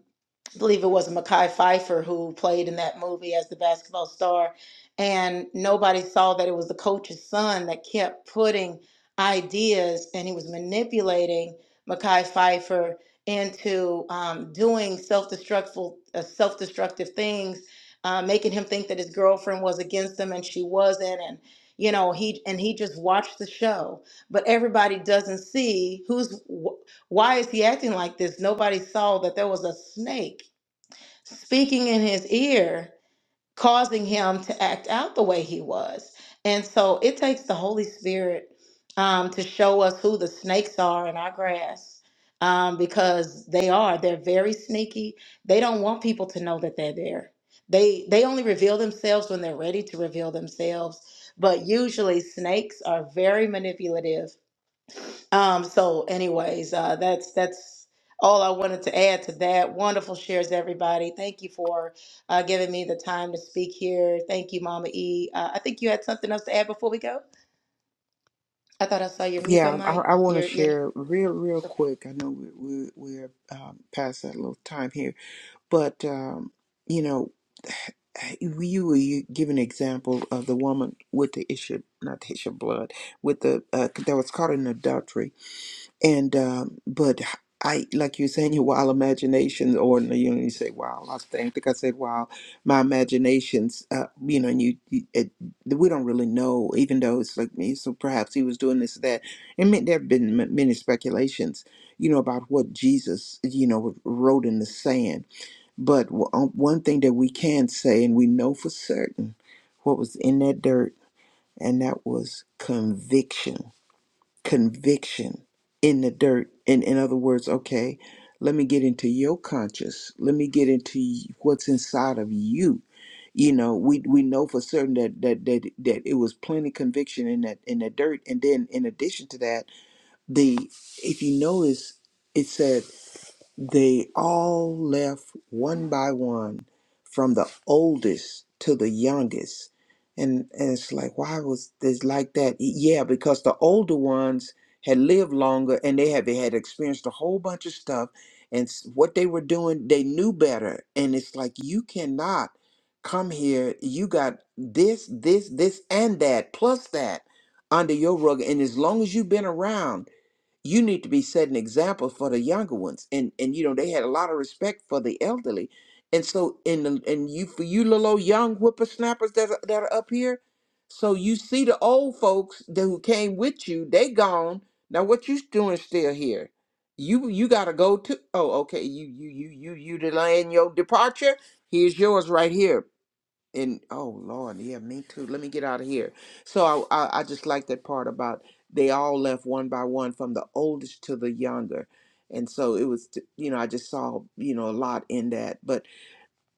Speaker 4: I believe it was Mackay Pfeiffer who played in that movie as the basketball star and nobody saw that it was the coach's son that kept putting ideas and he was manipulating Mackay Pfeiffer into um, doing self-destructful, uh, self-destructive things, uh, making him think that his girlfriend was against him and she wasn't, and you know he and he just watched the show. But everybody doesn't see who's wh- why is he acting like this? Nobody saw that there was a snake speaking in his ear causing him to act out the way he was. And so it takes the Holy Spirit um, to show us who the snakes are in our grass um, because they are. They're very sneaky. They don't want people to know that they're there. They, they only reveal themselves when they're ready to reveal themselves. But usually, snakes are very manipulative um, so anyways, uh, that's that's all I wanted to add to that. Wonderful shares, everybody. Thank you for uh, giving me the time to speak here. Thank you, Mama E. Uh, I think you had something else to add before we go. I thought I saw your mute on
Speaker 3: Yeah,
Speaker 4: mic.
Speaker 3: I, I want to
Speaker 4: Your your.
Speaker 3: share real real quick. I know we, we, we're um, past that little time here But, um, you know, you were you give an example of the woman with the issue, not the issue of blood, with the, uh, that was caught in adultery. And, um, but I, like you're saying, your wild imagination, or, you know, you say, wow, I think, think I said, wow, my imaginations, uh, you know, and you, you it, we don't really know, even though it's like me, so perhaps he was doing this, that. And ma- there have been ma- many speculations, you know, about what Jesus, you know, wrote in the sand but w- um, one thing that we can say, and we know for certain what was in that dirt, and that was conviction. Conviction in the dirt. In, in other words, okay, let me get into your conscious. Let me get into y- what's inside of you. You know, we, we know for certain that, that that that it was plenty conviction in that in that dirt. And then in addition to that, the if you notice, it said. They all left one by one, from the oldest to the youngest. And, and it's like, why was this like that? E, Yeah, because the older ones had lived longer and they had, they had experienced a whole bunch of stuff. And s- what they were doing, they knew better. And it's like, you cannot come here. You got this, this, this, and that, plus that under your rug. And as long as you've been around, you need to be setting example for the younger ones and and you know they had a lot of respect for the elderly and so in the and you for you little old young whippersnappers that are, that are up here so you see the old folks that who came with you they gone now what you doing still here you you gotta go to oh okay you you you you you delaying your departure here's yours right here and oh Lord, yeah, me too. Let me get out of here. So I, I, I just like that part about they all left one by one, from the oldest to the younger, and so it was. t- You know, I just saw you know a lot in that. But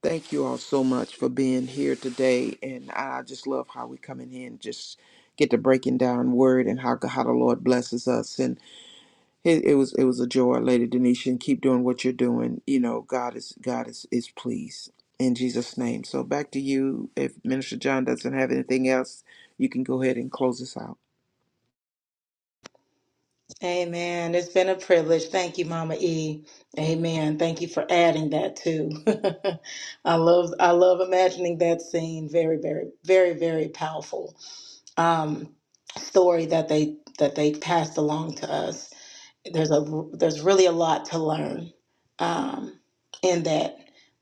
Speaker 3: thank you all so much for being here today, and I just love how we come in here and just get to breaking down word and how how the Lord blesses us. It, it was it was a joy, Lady Denisha, and keep doing what you're doing. You know, God is God is is pleased in Jesus' name. So back to you. If Minister John doesn't have anything else, you can go ahead and close us out.
Speaker 4: Amen. It's been a privilege. Thank you, Mama E. Amen. Thank you for adding that too. I love I love imagining that scene. Very very very very powerful um, story that they that they passed along to us. there's a there's really a lot to learn um, in that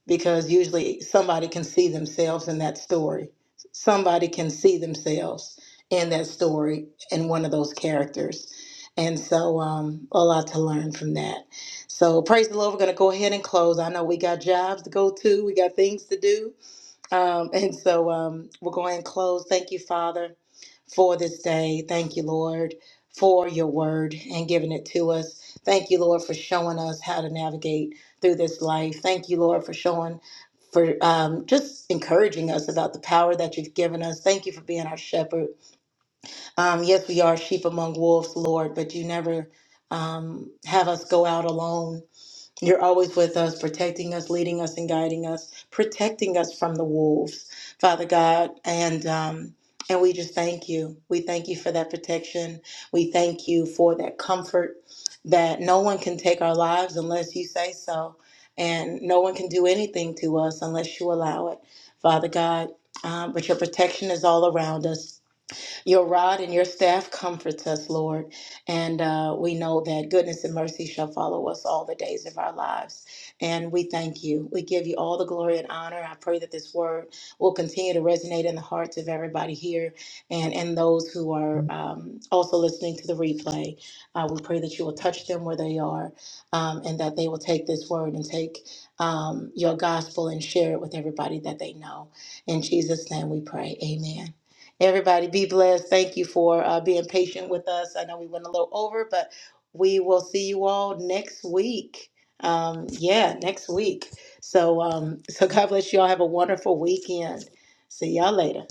Speaker 4: because usually somebody can see themselves in that story. Somebody can see themselves in that story in one of those characters. And so um, a lot to learn from that. So praise the Lord. We're going to go ahead and close. I know we got jobs to go to. We got things to do. Um, and so um, we're going to close. Thank you, Father, for this day. Thank you, Lord, for your word and giving it to us. Thank you, Lord, for showing us how to navigate through this life. Thank you, Lord, for showing, for um, just encouraging us about the power that you've given us. Thank you for being our shepherd. Um, yes, we are sheep among wolves, Lord, but you never um, have us go out alone. You're always with us, protecting us, leading us, and guiding us, protecting us from the wolves, Father God. And um, and we just thank you. We thank you for that protection. We thank you for that comfort that no one can take our lives unless you say so, and no one can do anything to us unless you allow it, Father God. Um, but your protection is all around us. Your rod and your staff comforts us, Lord. And uh, we know that goodness and mercy shall follow us all the days of our lives. And we thank you. We give you all the glory and honor. I pray that this word will continue to resonate in the hearts of everybody here and, and those who are um, also listening to the replay. Uh, we pray that you will touch them where they are um, and that they will take this word and take um, your gospel and share it with everybody that they know. In Jesus' name we pray. Amen. Everybody be blessed. Thank you for uh, being patient with us. I know we went a little over, but we will see you all next week. Um, yeah, next week. So, um, so God bless you all. Have a wonderful weekend. See y'all later.